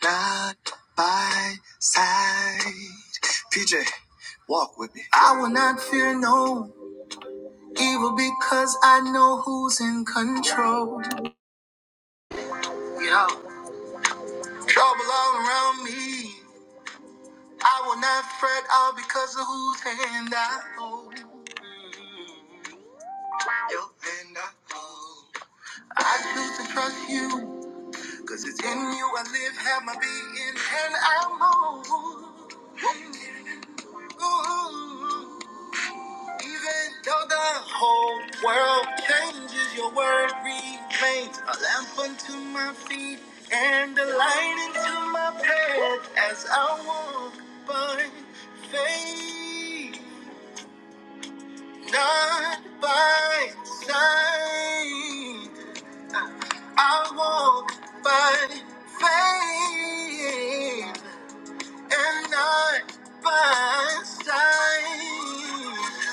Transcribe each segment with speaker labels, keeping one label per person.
Speaker 1: God by side. PJ, walk with me. I will not fear no evil because I know who's in control. Yeah. Trouble all around me. I will not fret all because of whose hand I hold. Mm. Your hand I hold. I choose to trust you, cause it's in you I live, have my being, and I'm whole. Ooh. Even though the whole world changes, your word remains a lamp unto my feet and a light into my path as I walk by faith, not by sight. I walk by faith and not by sight.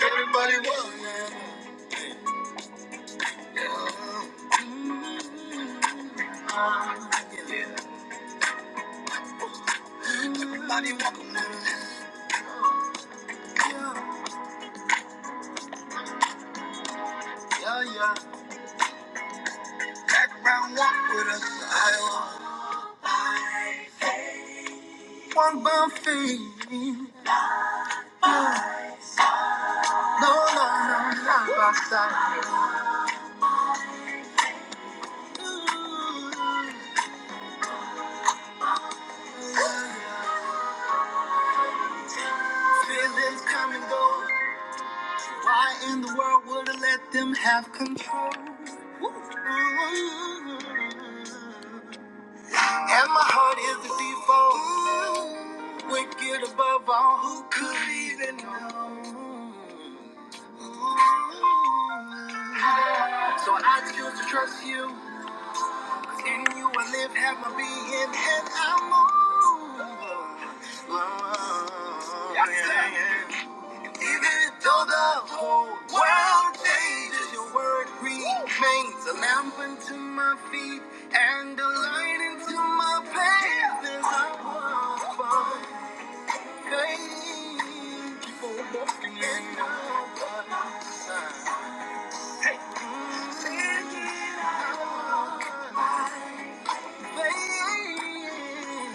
Speaker 1: Everybody walk. Everybody walk with us. Yeah, yeah. Background walk with us. I want my feet. No, no, no, not by outside. Feelings come and go. Why in the world would I let them have control? Ooh. And my heart is the default. Wicked above all, who could even know? So I choose to trust you. In you I live, have my being, and I move. Lord, yeah, yeah. Even though the whole world changes, your word remains a lamp unto my feet and a light into my path as I walk by faith. Keep on walking in the sign. Hey. Thinking I walk by faith.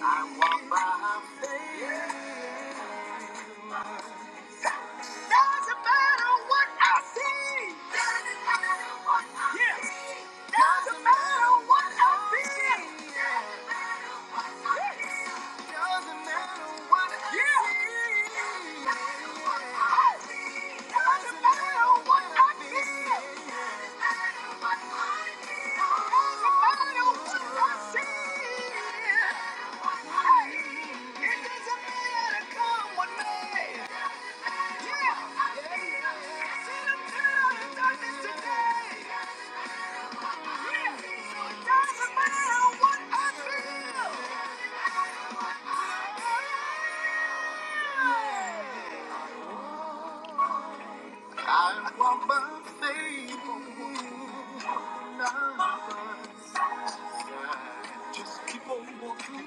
Speaker 1: Yeah. Doesn't matter what I see. Doesn't matter what I yes. see. Doesn't matter what I feel. Doesn't matter what I yes. feel. Doesn't matter what I yeah. see. Doesn't matter what I see. Doesn't matter what I feel. Doesn't matter what I feel. Doesn't matter what I see. Hey, it doesn't matter come what may. I want my faith on now. Just keep on walking.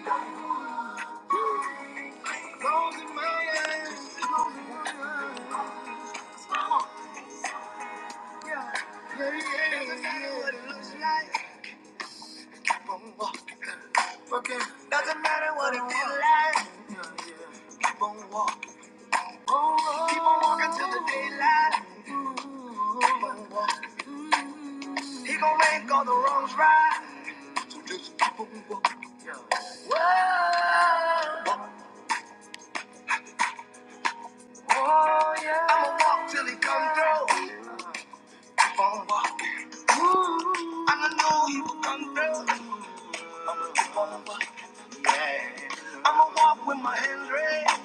Speaker 1: Closing my eyes. Just Keep on walking. Working. Doesn't matter what it feels like. Keep on walking. Until the day keep on walking. So just keep on walking. I'ma walk till he comes through. And I know he will come through. I'ma walk with my hands raised.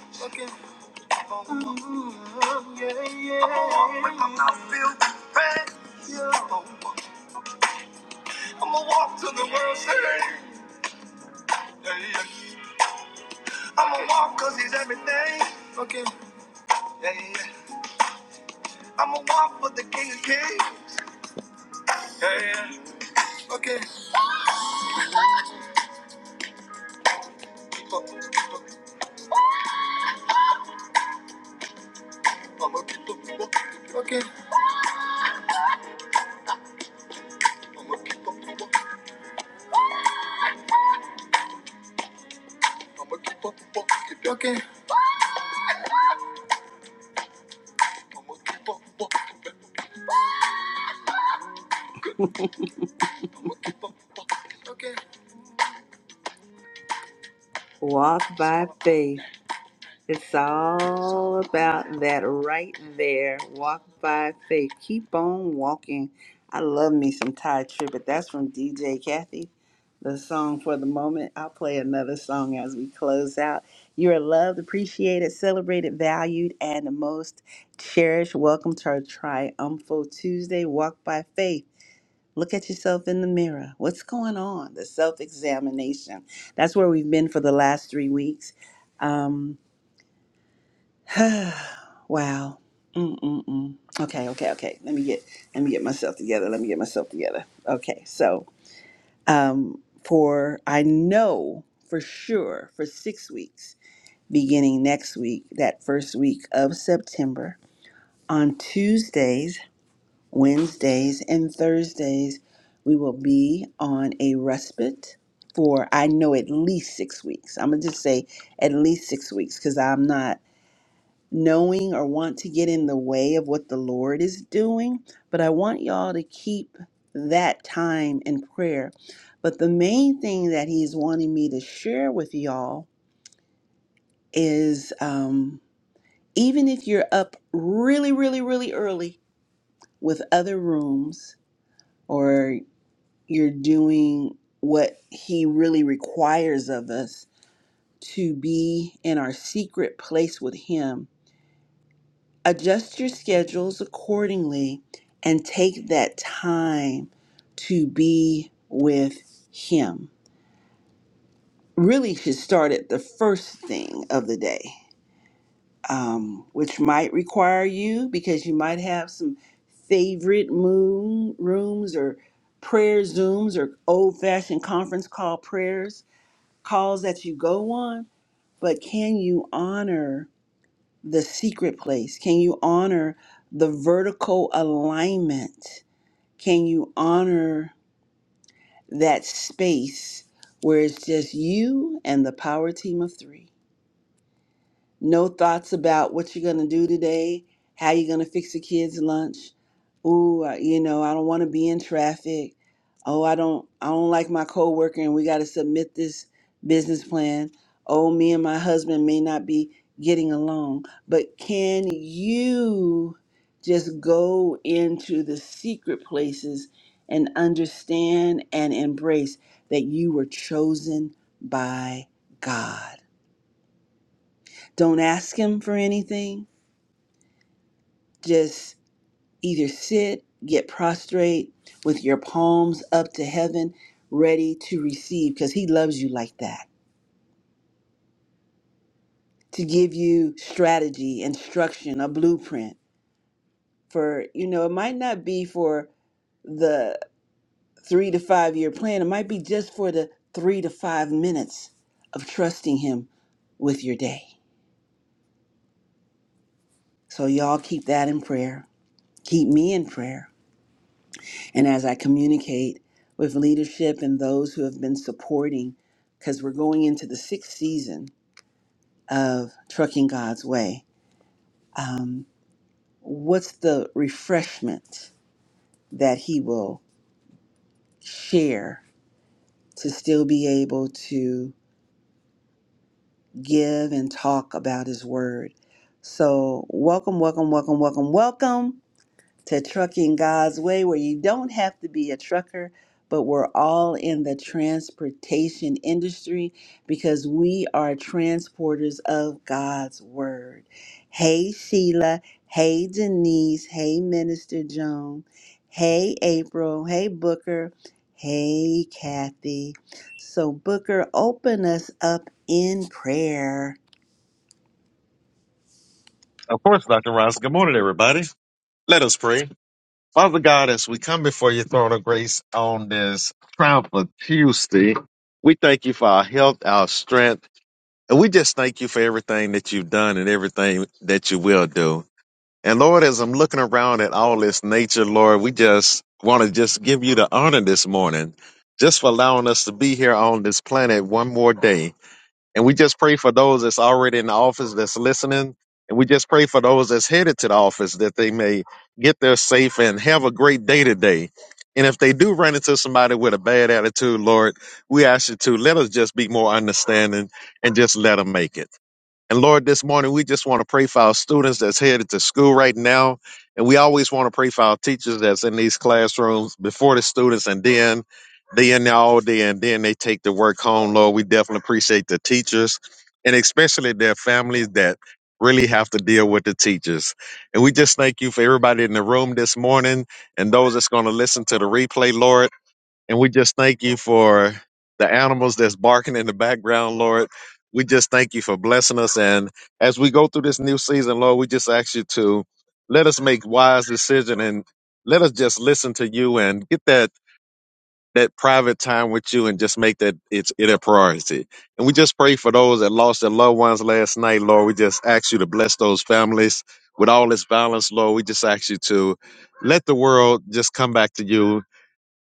Speaker 1: I'ma walk with my mouth filled with praise. I'ma walk till the world says. I'ma walk cause he's everything. Okay. Yeah, yeah. yeah. I'ma walk for the king of kings. Yeah, yeah. yeah. Okay. I'ma keep up the Okay. I'ma keep up the I'ma keep up the Okay. I'ma keep up the Okay. Walk by faith. It's all about that right there. Walk by faith. Keep on walking. I love me some Ty Tribbett. That's from DJ Kathy. The song for the moment. I'll play another song as we close out. You are loved, appreciated, celebrated, valued, and the most cherished. Welcome to our triumphal Tuesday. Walk by faith. Look at yourself in the mirror. What's going on? The self examination. That's where we've been for the last three weeks. Um, Wow. Mm-mm-mm. Okay, okay, okay. Let me get let me get myself together. Let me get myself together. Okay, so um for I know for sure for six weeks, beginning next week, that first week of September, on Tuesdays, Wednesdays, and Thursdays, we will be on a respite for I know at least six weeks. I'm gonna just say at least six weeks because I'm not knowing or want to get in the way of what the Lord is doing, but I want y'all to keep that time in prayer. But the main thing that He's wanting me to share with y'all is um, even if you're up really, really, really early with other rooms or you're doing what He really requires of us to be in our secret place with Him adjust your schedules accordingly and take that time to be with him really should start at the first thing of the day um, which might require you because you might have some favorite moon rooms or prayer zooms or old-fashioned conference call prayers calls that you go on but can you honor the secret place? Can you honor the vertical alignment? Can you honor that space where it's just you and the power team of three? No thoughts about what you're going to do today, how you're going to fix the kids' lunch, Ooh, I- you know, I don't want to be in traffic. Oh, I don't I don't like my coworker and we got to submit this business plan. Oh, me and my husband may not be getting along. But can you just go into the secret places and understand and embrace that you were chosen by God? Don't ask him for anything. Just Either sit, get prostrate with your palms up to heaven, ready to receive, because He loves you like that, to give you strategy, instruction, a blueprint for, you know, it might not be for the three to five year plan, it might be just for the three to five minutes of trusting Him with your day. So, y'all keep that in prayer. Keep me in prayer. and as I communicate with leadership and those who have been supporting, because we're going into the sixth season of Trucking God's Way, um, what's the refreshment that He will share to still be able to give and talk about His Word? So, welcome, welcome, welcome, welcome, welcome. to Trucking God's Way, where you don't have to be a trucker, but we're all in the transportation industry because we are transporters of God's Word. Hey, Sheila. Hey, Denise. Hey, Minister Joan. Hey, April. Hey, Booker. Hey, Kathy. So, Booker, open us up in prayer.
Speaker 2: Of course, Dr. Ross. Good morning, everybody. Let us pray. Father God, as we come before your throne of grace on this Triumphant Tuesday, we thank you for our health, our strength, and we just thank you for everything that you've done and everything that you will do. And Lord, as I'm looking around at all this nature, Lord, we just want to just give you the honor this morning, just for allowing us to be here on this planet one more day. And we just pray for those that's already in the office that's listening. And we just pray for those that's headed to the office that they may get there safe and have a great day today. And if they do run into somebody with a bad attitude, Lord, we ask you to let us just be more understanding and just let them make it. And Lord, this morning we just want to pray for our students that's headed to school right now. And we always want to pray for our teachers that's in these classrooms before the students and then they in there all day and then they take the work home. Lord, we definitely appreciate the teachers and especially their families that really have to deal with the teachers. And we just thank you for everybody in the room this morning and those that's going to listen to the replay, Lord. And we just thank you for the animals that's barking in the background, Lord. We just thank you for blessing us. And as we go through this new season, Lord, we just ask you to let us make wise decision and let us just listen to you and get that that private time with you and just make that it's it a priority. And we just pray for those that lost their loved ones last night, Lord. We just ask you to bless those families with all this violence, Lord. We just ask you to let the world just come back to you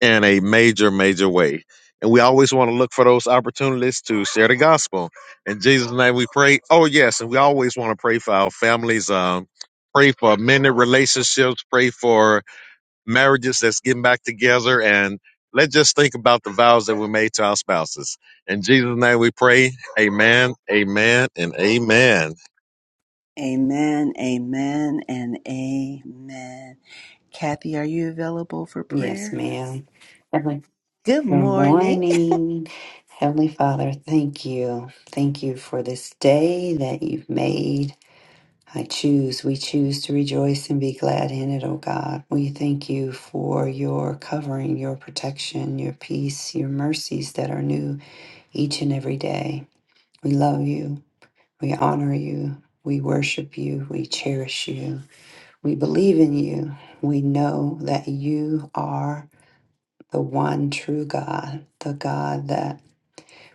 Speaker 2: in a major, major way. And we always want to look for those opportunities to share the gospel. In Jesus' name we pray. Oh, yes. And we always want to pray for our families, um, pray for many relationships, pray for marriages that's getting back together. And let's just think about the vows that we made to our spouses. In Jesus' name we pray. Amen, amen, and amen.
Speaker 1: Amen, amen, and amen. Kathy, are you available for
Speaker 3: Yes,
Speaker 1: prayer?
Speaker 3: ma'am. Heavenly,
Speaker 1: Good
Speaker 3: good
Speaker 1: morning.
Speaker 3: morning. Heavenly Father, thank you. Thank you for this day that you've made. I choose, we choose to rejoice and be glad in it, oh God. We thank you for your covering, your protection, your peace, your mercies that are new each and every day. We love you. We honor you. We worship you. We cherish you. We believe in you. We know that you are the one true God, the God that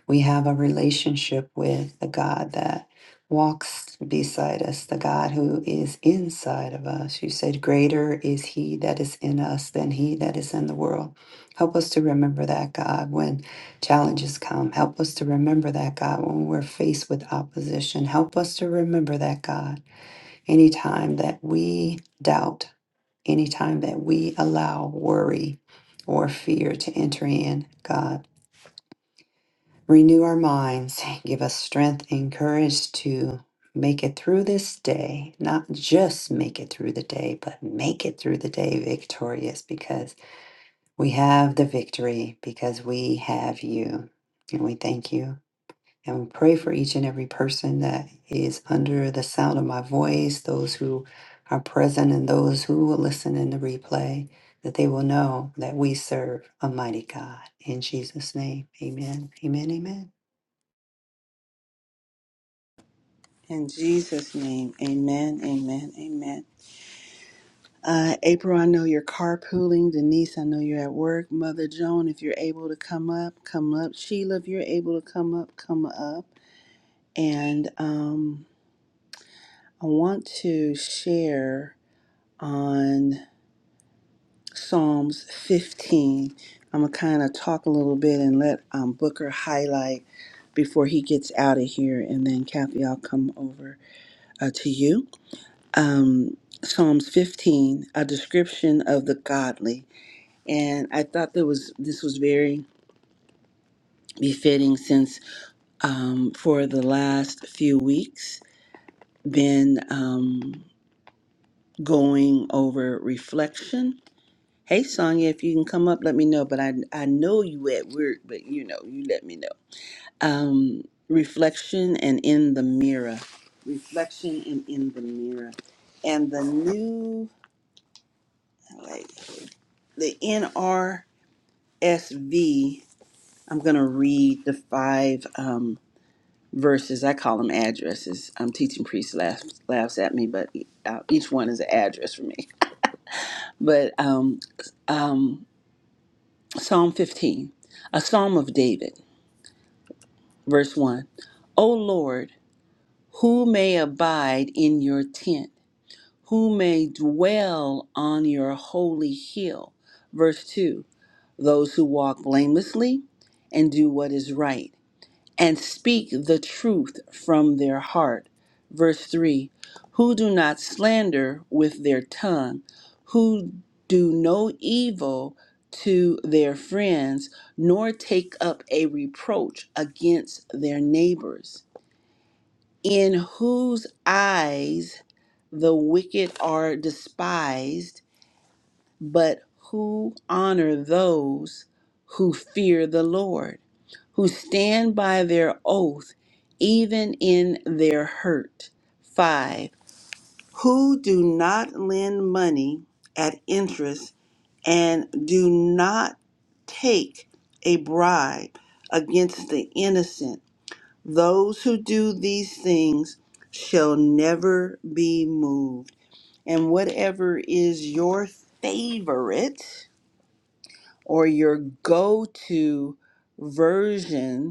Speaker 3: we have a relationship with, the God that walks beside us, the God who is inside of us. You said, Greater is He that is in us than He that is in the world. Help us to remember that, God, when challenges come. Help us to remember that, God, when we're faced with opposition. Help us to remember that, God, anytime that we doubt Anytime that we allow worry or fear to enter in, God, renew our minds, give us strength and courage to make it through this day, not just make it through the day, but make it through the day victorious because we have the victory, because we have you. And we thank you and we pray for each and every person that is under the sound of my voice, those who are present and those who will listen in the replay, that they will know that we serve a mighty God. In Jesus' name, amen. Amen. Amen.
Speaker 1: In Jesus' name, amen, amen, amen. Uh, April, I know you're carpooling. Denise, I know you're at work. Mother Joan, if you're able to come up, come up. Sheila, if you're able to come up, come up. And um, I want to share on. Psalms 15. I'm going to kind of talk a little bit and let um, Booker highlight before he gets out of here. And then, Kathy, I'll come over uh, to you. Um, Psalms 15, a description of the godly. And I thought that was this was very befitting since um, for the last few weeks been um, going over reflection Hey Sonya, if you can come up, let me know. But I I know you at work, but you know, you let me know. Um, reflection and in the mirror. Reflection and in the mirror. And the new like the NRSV, I'm gonna read the five um verses. I call them addresses. I'm teaching priest laughs laughs at me, but e, uh, each one is an address for me. But um um Psalm 15, a psalm of David. Verse 1 O Lord, who may abide in your tent? Who may dwell on your holy hill? Verse 2 Those who walk blamelessly and do what is right, and speak the truth from their heart. Verse 3 Who do not slander with their tongue, who do no evil to their friends, nor take up a reproach against their neighbors in whose eyes the wicked are despised, but who honor those who fear the Lord, who stand by their oath, even in their hurt. 5. Who do not lend money at interest and do not take a bribe against the innocent those who do these things shall never be moved. And whatever is your favorite or your go to version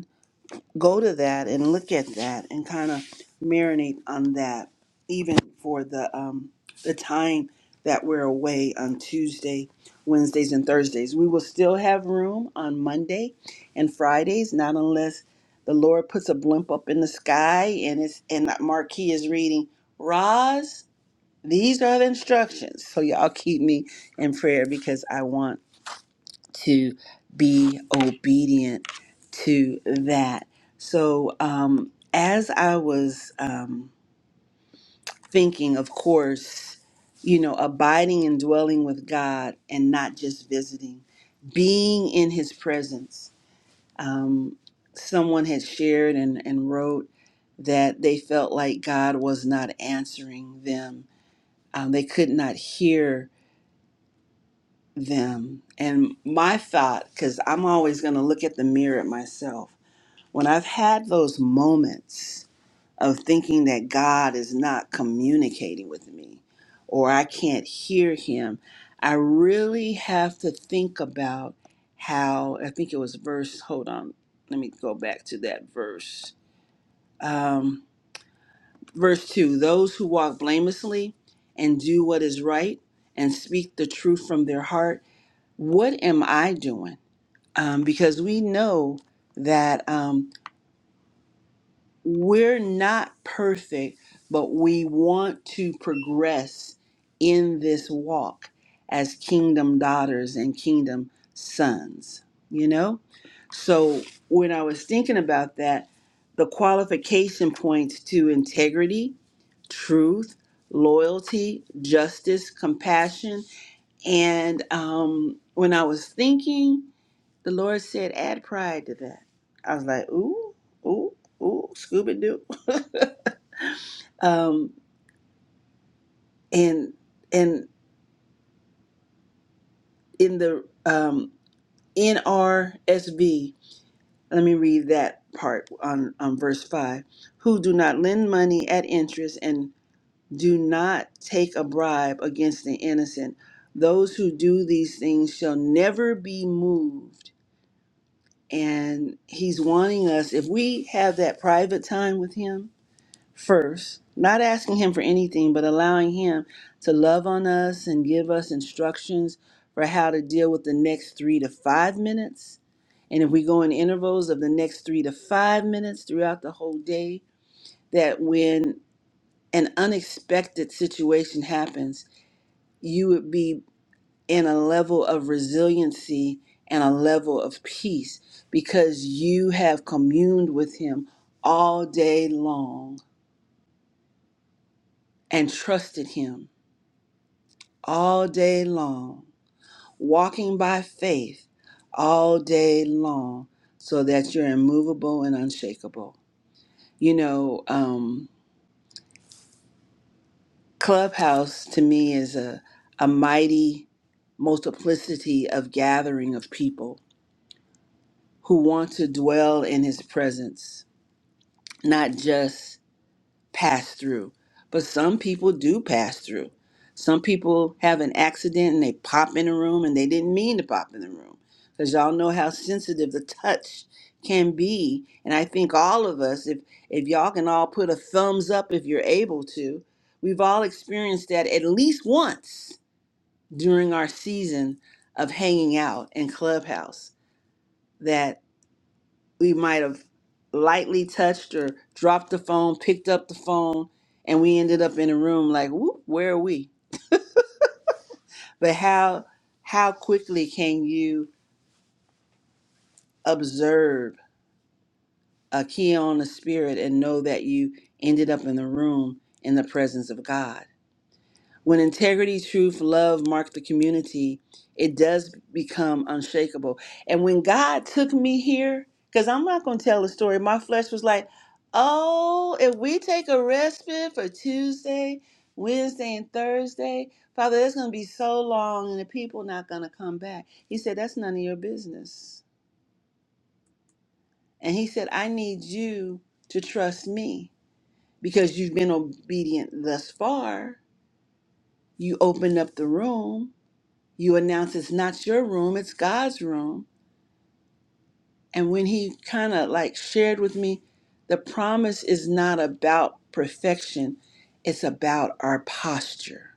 Speaker 1: go to that and look at that and kind of marinate on that, even for the um, the time that we're away on Tuesday, Wednesdays, and Thursdays. We will still have room on Monday and Fridays, not unless the Lord puts a blimp up in the sky and it's and that marquee is reading Roz. These are the instructions. So y'all keep me in prayer because I want to be obedient to that. So, um, as I was um, thinking, of course, you know, abiding and dwelling with God and not just visiting, being in His presence. Um, someone had shared and, and wrote that they felt like God was not answering them, um, they could not hear them. And my thought, because I'm always going to look at the mirror at myself When I've had those moments of thinking that God is not communicating with me or I can't hear him, I really have to think about how, I think it was verse, hold on, let me go back to that verse. Um, verse 2 Those who walk blamelessly and do what is right and speak the truth from their heart, what am I doing? Um, because we know that. Um, we're not perfect, but we want to progress in this walk as kingdom daughters and kingdom sons, you know? So when I was thinking about that, the qualification points to integrity, truth, loyalty, justice, compassion. And um, when I was thinking, the Lord said, add pride to that. I was like, ooh, ooh, ooh, Scooby Doo. um, and and in the um, NRSV, let me read that part on, on verse five. Who do not lend money at interest and do not take a bribe against the innocent. Those who do these things shall never be moved. And he's wanting us, if we have that private time with him, first, not asking Him for anything, but allowing Him to love on us and give us instructions for how to deal with the next three to five minutes. And if we go in intervals of the next three to five minutes throughout the whole day, that when an unexpected situation happens, you would be in a level of resiliency and a level of peace because you have communed with Him all day long and trusted Him all day long, walking by faith all day long, so that you're immovable and unshakable. You know, um, Clubhouse to me is a, a mighty multiplicity of gathering of people who want to dwell in his presence, not just pass through. But some people do pass through. Some people have an accident and they pop in a room and they didn't mean to pop in the room. Because y'all know how sensitive the touch can be. And I think all of us, if if y'all can all put a thumbs up if you're able to, we've all experienced that at least once during our season of hanging out in Clubhouse we might have lightly touched or dropped the phone, picked up the phone, and we ended up in a room like, whoop, where are we? But how how quickly can you observe a key on the spirit and know that you ended up in the room in the presence of God? When integrity, truth, love mark the community, it does become unshakable. And when God took me here, because I'm not going to tell the story, my flesh was like, oh, if we take a respite for Tuesday, Wednesday, and Thursday, Father, that's going to be so long and the people not going to come back. He said, that's none of your business. And he said, I need you to trust me because you've been obedient thus far. You opened up the room you announce it's not your room, it's God's room. And when he kind of like shared with me, the promise is not about perfection, it's about our posture.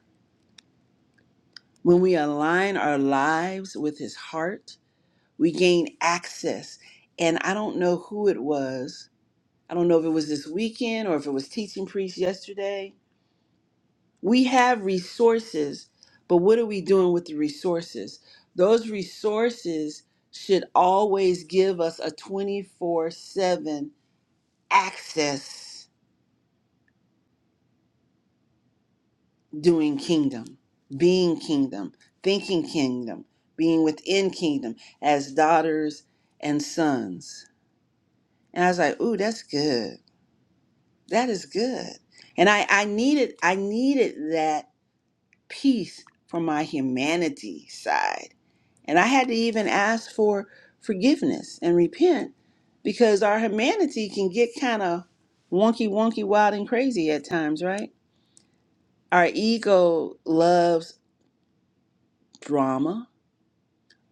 Speaker 1: When we align our lives with his heart, we gain access. And I don't know who it was. I don't know if it was this weekend or if it was teaching priest yesterday We have resources, but what are we doing with the resources? Those resources should always give us a 24 7 access doing kingdom, being kingdom, thinking kingdom, being within kingdom as daughters and sons. And I was like, ooh, that's good. That is good. And I, I needed I needed that peace from my humanity side And I had to even ask for forgiveness and repent because our humanity can get kind of wonky, wonky, wild, and crazy at times, right? Our ego loves drama.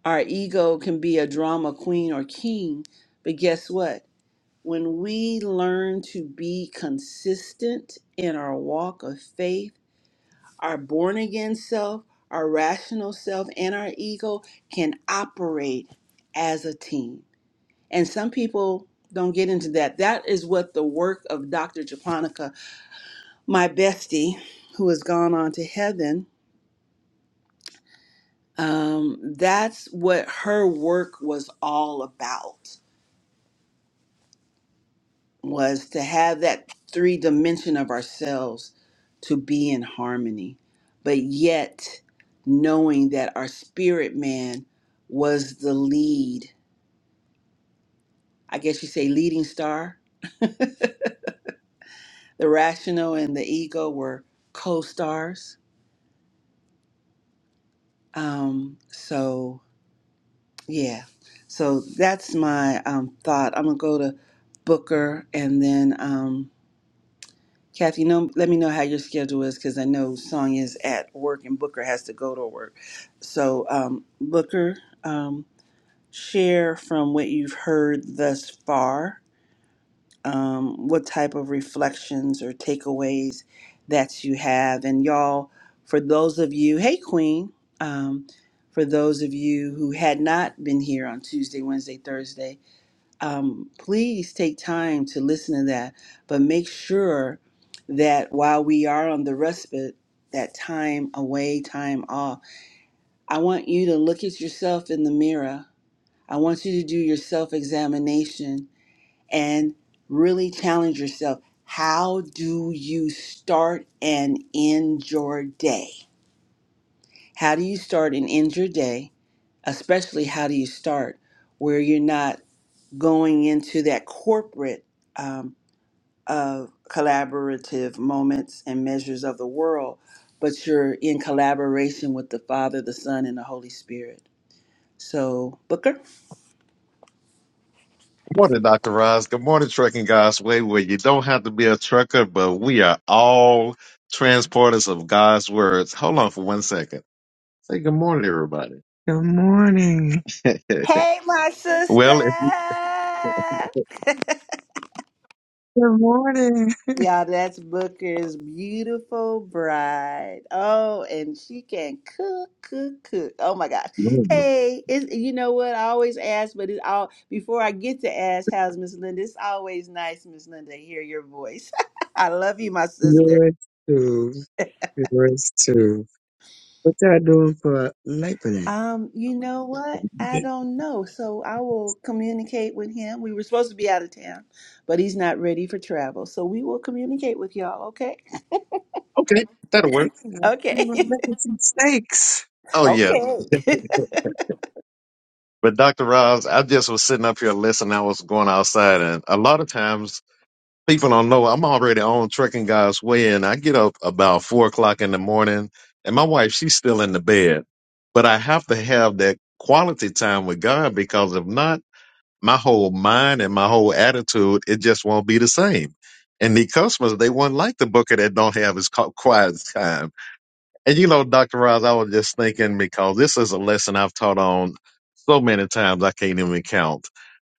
Speaker 1: Our ego can be a drama queen or king. But guess what? When we learn to be consistent in our walk of faith, our born again self, our rational self, and our ego can operate as a team And some people don't get into that. That is what the work of Dr. Japonica, my bestie, who has gone on to heaven, um, that's what her work was all about, was to have that three dimension of ourselves to be in harmony, but yet knowing that our spirit man was the lead. I guess you say leading star. The rational and the ego were co stars Um, so yeah, so that's my um, thought. I'm gonna go to Booker and then um, Kathy. No, let me know how your schedule is because I know Sonya's at work and Booker has to go to work. So um, Booker, um, share from what you've heard thus far. um, what type of reflections or takeaways that you have. And y'all, for those of you, hey Queen, um, for those of you who had not been here on Tuesday, Wednesday, Thursday, um, please take time to listen to that. But make sure that while we are on the respite, that time away, time off, I want you to look at yourself in the mirror. I want you to do your self examination and really challenge yourself. How do you start and end your day? How do you start and end your day? Especially, how do you start where you're not going into that corporate um, of collaborative moments and measures of the world, but you're in collaboration with the Father, the Son, and the Holy Spirit. So, Booker?
Speaker 2: Morning, Dr. Roz. Good morning, Trucking God's Way, where you don't have to be a trucker, but we are all transporters of God's words. Hold on for one second. Say good morning, everybody. Good morning.
Speaker 1: Hey, my sister.
Speaker 2: well, if you Good morning.
Speaker 1: Yeah, that's Booker's beautiful bride. Oh, and she can cook, cook, cook. Oh my gosh. Hey, it's, you know what? I always ask, but it's all before I get to ask, how's Miss Linda? It's always nice, Miss Linda, to hear your voice. I love you, my sister.
Speaker 2: Yours too. Yours too. What y'all doing for Labor Day?
Speaker 1: Um, you know what? I don't know. So I will communicate with him. We were supposed to be out of town, but he's not ready for travel. So we will communicate with y'all, okay?
Speaker 2: okay, that'll work. Yeah, we
Speaker 1: Okay.
Speaker 2: were making some steaks. Oh yeah,
Speaker 1: Okay.
Speaker 2: but Dr. Roz, I just was sitting up here listening. I was going outside, and a lot of times people don't know I'm already on trekking God's way, and I get up about four o'clock in the morning, and my wife she's still in the bed, but I have to have that quality time with God because if not, my whole mind and my whole attitude it just won't be the same. And the customers they won't like the booker that don't have his co- quiet time. And you know, Dr. Roz, I was just thinking because this is a lesson I've taught on so many times I can't even count.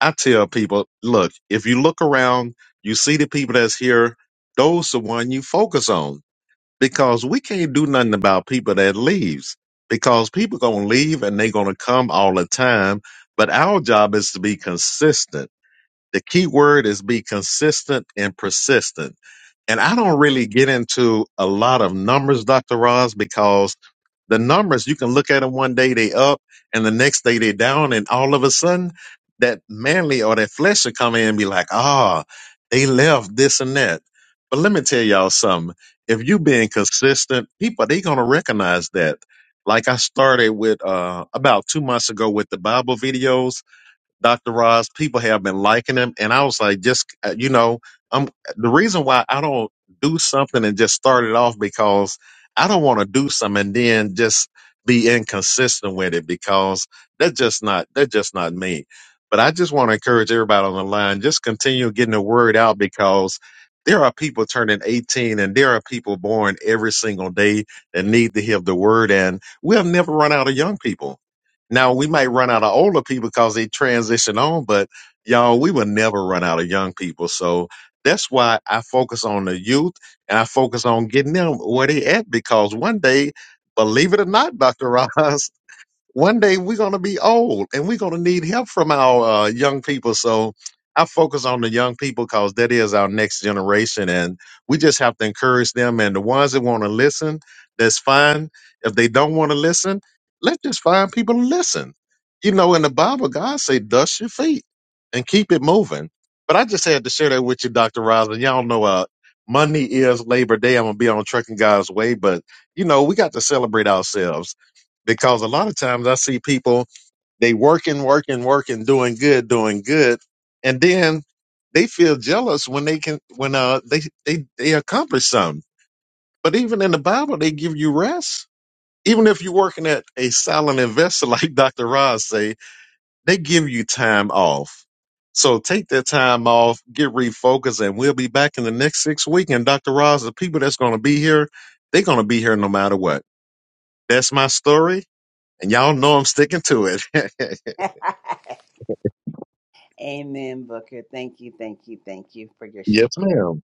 Speaker 2: I tell people, look, if you look around, you see the people that's here, those the one you focus on because we can't do nothing about people that leaves because people gonna leave and they gonna come all the time. But our job is to be consistent. The key word is be consistent and persistent. And I don't really get into a lot of numbers, Dr. Roz, because the numbers you can look at them one day they up and the next day they down, and all of a sudden that manly or that flesh will come in and be like, ah, they left this and that. But let me tell y'all something. If you being consistent, people they gonna recognize that. Like I started with uh about two months ago with the Bible videos Dr. Ross, people have been liking him. And I was like, just, uh, you know, I'm, the reason why I don't do something and just start it off because I don't want to do something and then just be inconsistent with it because that's just not, that's just not me. But I just want to encourage everybody on the line, just continue getting the word out because there are people turning 18 and there are people born every single day that need to hear the word. And we'll never run out of young people now we might run out of older people because they transition on, but y'all, we will never run out of young people. So that's why I focus on the youth and I focus on getting them where they at because one day, believe it or not, Dr. Ross, one day we're going to be old and we're going to need help from our uh, young people. So I focus on the young people because that is our next generation. And we just have to encourage them. And the ones that want to listen, that's fine. If they don't want to listen, let's just find people to listen. You know, in the Bible, God say, dust your feet and keep it moving. But I just had to share that with you, Dr. Rosin. Y'all know, uh, Monday is Labor Day. I'm going to be on Trucking God's Way, but you know, we got to celebrate ourselves because a lot of times I see people they working, working, working, doing good, doing good, and then they feel jealous when they can when uh they they they accomplish something. But even in the Bible, they give you rest. Even if you're working at a silent investor, like Dr. Ross say, they give you time off. So take that time off, get refocused, and we'll be back in the next six weeks. And Dr. Ross, the people that's going to be here, they're going to be here no matter what. That's my story. And y'all know I'm sticking to it.
Speaker 1: Amen, Booker. Thank you, thank you, thank you for your
Speaker 2: yes,
Speaker 1: share.
Speaker 2: ma'am.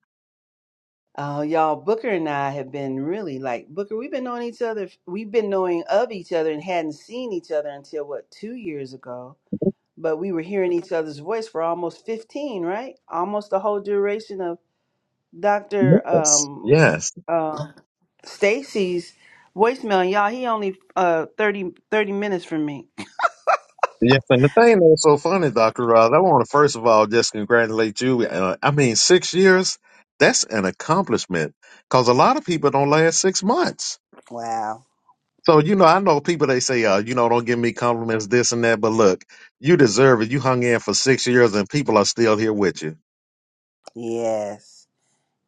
Speaker 1: Oh, y'all, Booker and I have been really like Booker. We've been knowing each other. We've been knowing of each other and hadn't seen each other until what two years ago. But we were hearing each other's voice for almost fifteen, right? Almost the whole duration of Doctor
Speaker 2: Yes.
Speaker 1: um,
Speaker 2: Yes.
Speaker 1: uh, Stacy's voicemail. And y'all, he only uh 30, thirty minutes from me.
Speaker 2: Yes. And the thing that's so funny, Dr. Ross, I want to first of all just congratulate you. Uh, I mean, six years, that's an accomplishment because a lot of people don't last six months.
Speaker 1: Wow.
Speaker 2: So, you know, I know people, they say, uh, you know, don't give me compliments, this and that. But look, you deserve it. You hung in for six years and people are still here with you.
Speaker 1: Yes.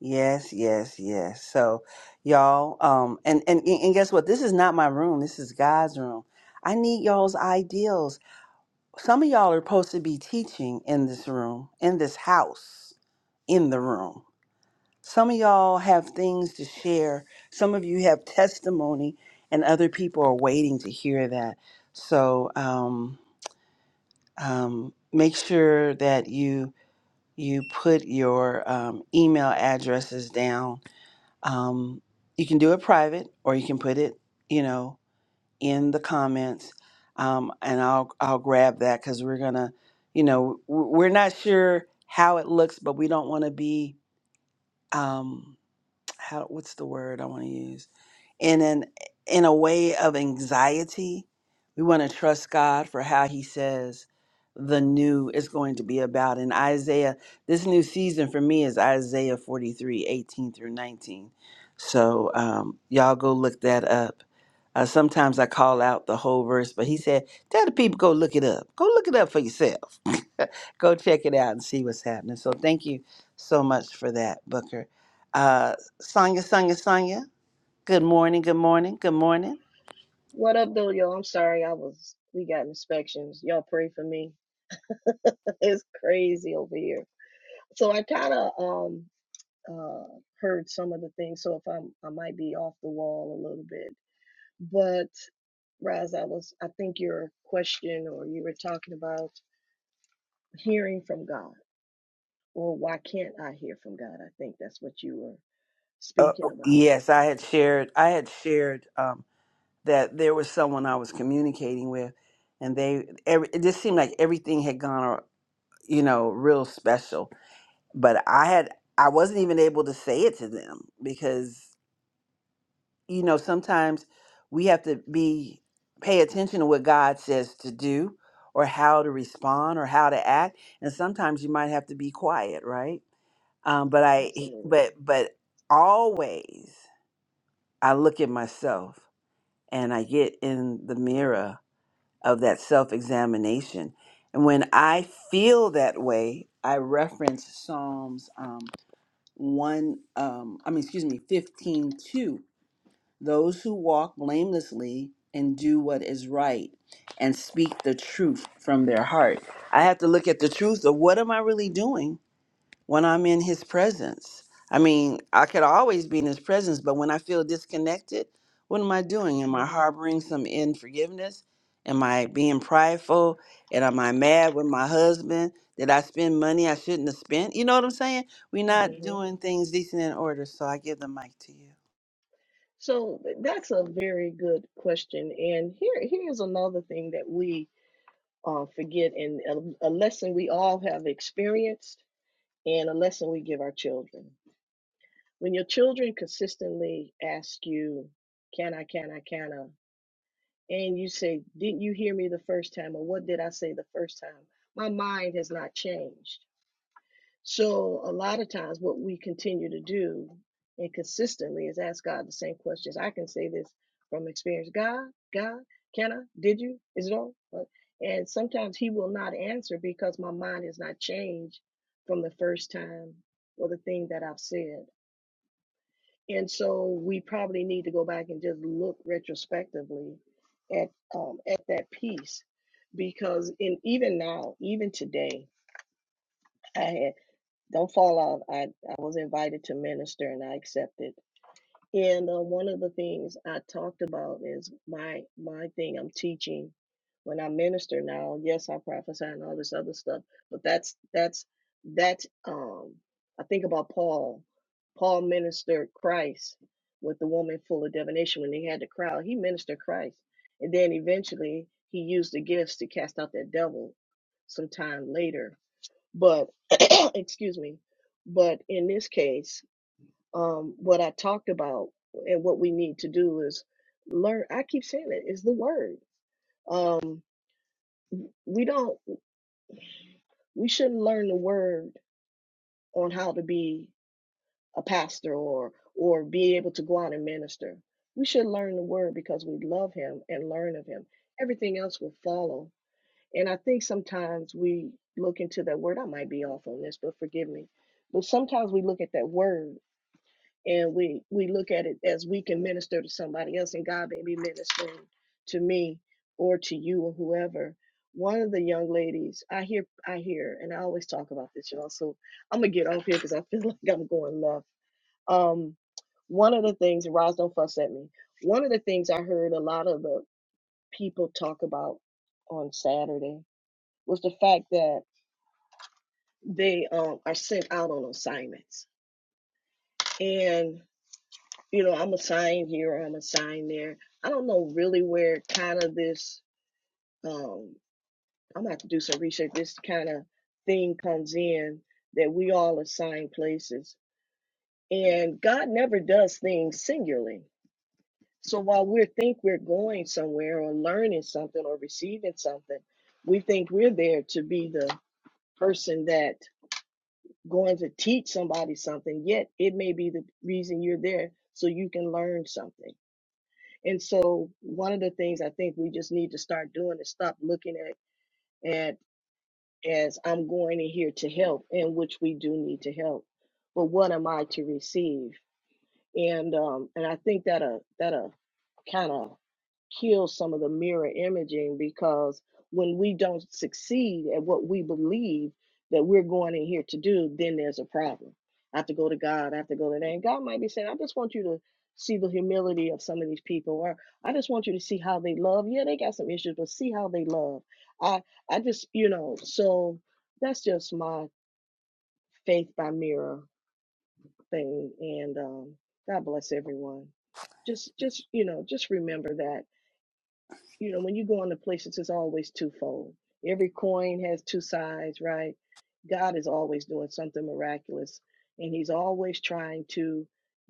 Speaker 1: Yes, yes, yes. So, y'all, um, and and and guess what? This is not my room. This is God's room. I need y'all's ideals. Some of y'all are supposed to be teaching in this room, in this house, in the room. Some of y'all have things to share. Some of you have testimony, and other people are waiting to hear that. So, um, um, make sure that you you put your um, email addresses down um, you can do it private or you can put it you know in the comments um, and i'll i'll grab that because we're gonna you know w- we're not sure how it looks but we don't want to be Um, how what's the word I want to use in an in a way of anxiety. We want to trust God for how He says the new is going to be about. In Isaiah, this new season for me is Isaiah 43 18 through 19. So um, y'all go look that up. Uh, sometimes I call out the whole verse, but he said, tell the people, go look it up. Go look it up for yourself. go check it out and see what's happening. So thank you so much for that, Booker. Uh, Sonia, Sonia, Sonia. Good morning. Good morning. Good morning.
Speaker 4: What up, though, y'all? I'm sorry, I was we got inspections. Y'all pray for me. it's crazy over here. So I kind of um uh heard some of the things. So if I'm I might be off the wall a little bit, but Raz, I was I think your question or you were talking about hearing from God or why can't I hear from God? I think that's what you were
Speaker 1: Uh,
Speaker 4: speaking about.
Speaker 1: yes, I had shared. I had shared um, that there was someone I was communicating with, and they. Every, it just seemed like everything had gone, uh, you know, real special. But I had. I wasn't even able to say it to them because you know, sometimes we have to be pay attention to what God says to do or how to respond or how to act. And sometimes you might have to be quiet, right? Um, but I he-
Speaker 4: Absolutely.
Speaker 1: but but always I look at myself and I get in the mirror of that self-examination. And when I feel that way, I reference Psalms um, one um, I mean excuse me, fifteen two those who walk blamelessly and do what is right and speak the truth from their heart. I have to look at the truth of what am I really doing when I'm in his presence? I mean, I could always be in his presence, but when I feel disconnected, what am I doing? Am
Speaker 4: hmm
Speaker 1: I harboring some unforgiveness? Am I being prideful? And am I mad with my husband? Did I spend money I shouldn't have spent? You know what I'm saying? We're not
Speaker 4: hmm
Speaker 1: doing things decent and in order, so I give the mic to you.
Speaker 4: So that's a very good question. And here, here's another thing that we uh, forget and a, a lesson we all have experienced and a lesson we give our children. When your children consistently ask you, can I, can I, can I? And you say, didn't you hear me the first time? Or what did I say the first time? My mind has not changed. So a lot of times what we continue to do and consistently is ask God the same questions. I can say this from experience. God, God, can I? Did you? Is it all? Uh, And sometimes he will not answer because my mind has not changed from the first time or the thing that I've said. And so we probably need to go back and just look retrospectively at um, at that piece because in even now, even today, I don't fall off. I, I was invited to minister and I accepted. And uh, one of the things I talked about is my my thing I'm teaching when I minister now. Yes, I prophesy and all this other stuff, but that's that's that's um I think about Paul. Paul ministered Christ with the woman full of divination when they had the crowd. He ministered Christ, and then eventually he used the gifts to cast out that devil. Sometime later, but excuse me. But in this case, um, what I talked about and what we need to do is learn. I keep saying it is the word. Um, we don't. We shouldn't learn the word on how to be a pastor or or be able to go out and minister. We should learn the word because we love Him and learn of Him. Everything else will follow. And I think sometimes we look into that word. I might be off on this, but forgive me. But sometimes we look at that word and we we look at it as we can minister to somebody else and god may be ministering to me or to you or whoever one of the young ladies i hear i hear and i always talk about this y'all so i'm gonna get off here because i feel like i'm going left um one of the things and Roz don't fuss at me one of the things i heard a lot of the people talk about on saturday was the fact that they um, are sent out on assignments and. you know, I'm a sign here or I'm a sign there. I don't know really where kind of this, um, I'm gonna have to do some research. This kind of thing comes in that we all assign places, and God never does things singularly. So while we think we're going somewhere or learning something or receiving something, we think we're there to be the person that going to teach somebody something. Yet it may be the reason you're there so you can learn something And so one of the things I think we just need to start doing is stop looking at at as I'm going in here to help, and which we do need to help. But what am I to receive? and um and I think that uh that uh kind of kills some of the mirror imaging because when we don't succeed at what we believe that we're going in here to do, then there's a problem. I have to go to God. I have to go to that. And God might be saying, I just want you to see the humility of some of these people, or I just want you to see how they love. Yeah, they got some issues, but see how they love. I I just you know so that's just my faith by mirror thing. And um, God bless everyone. Just, just you know, just remember that you know when you go into places, it's always twofold. Every coin has two sides, right? God is always doing something miraculous, and He's always trying to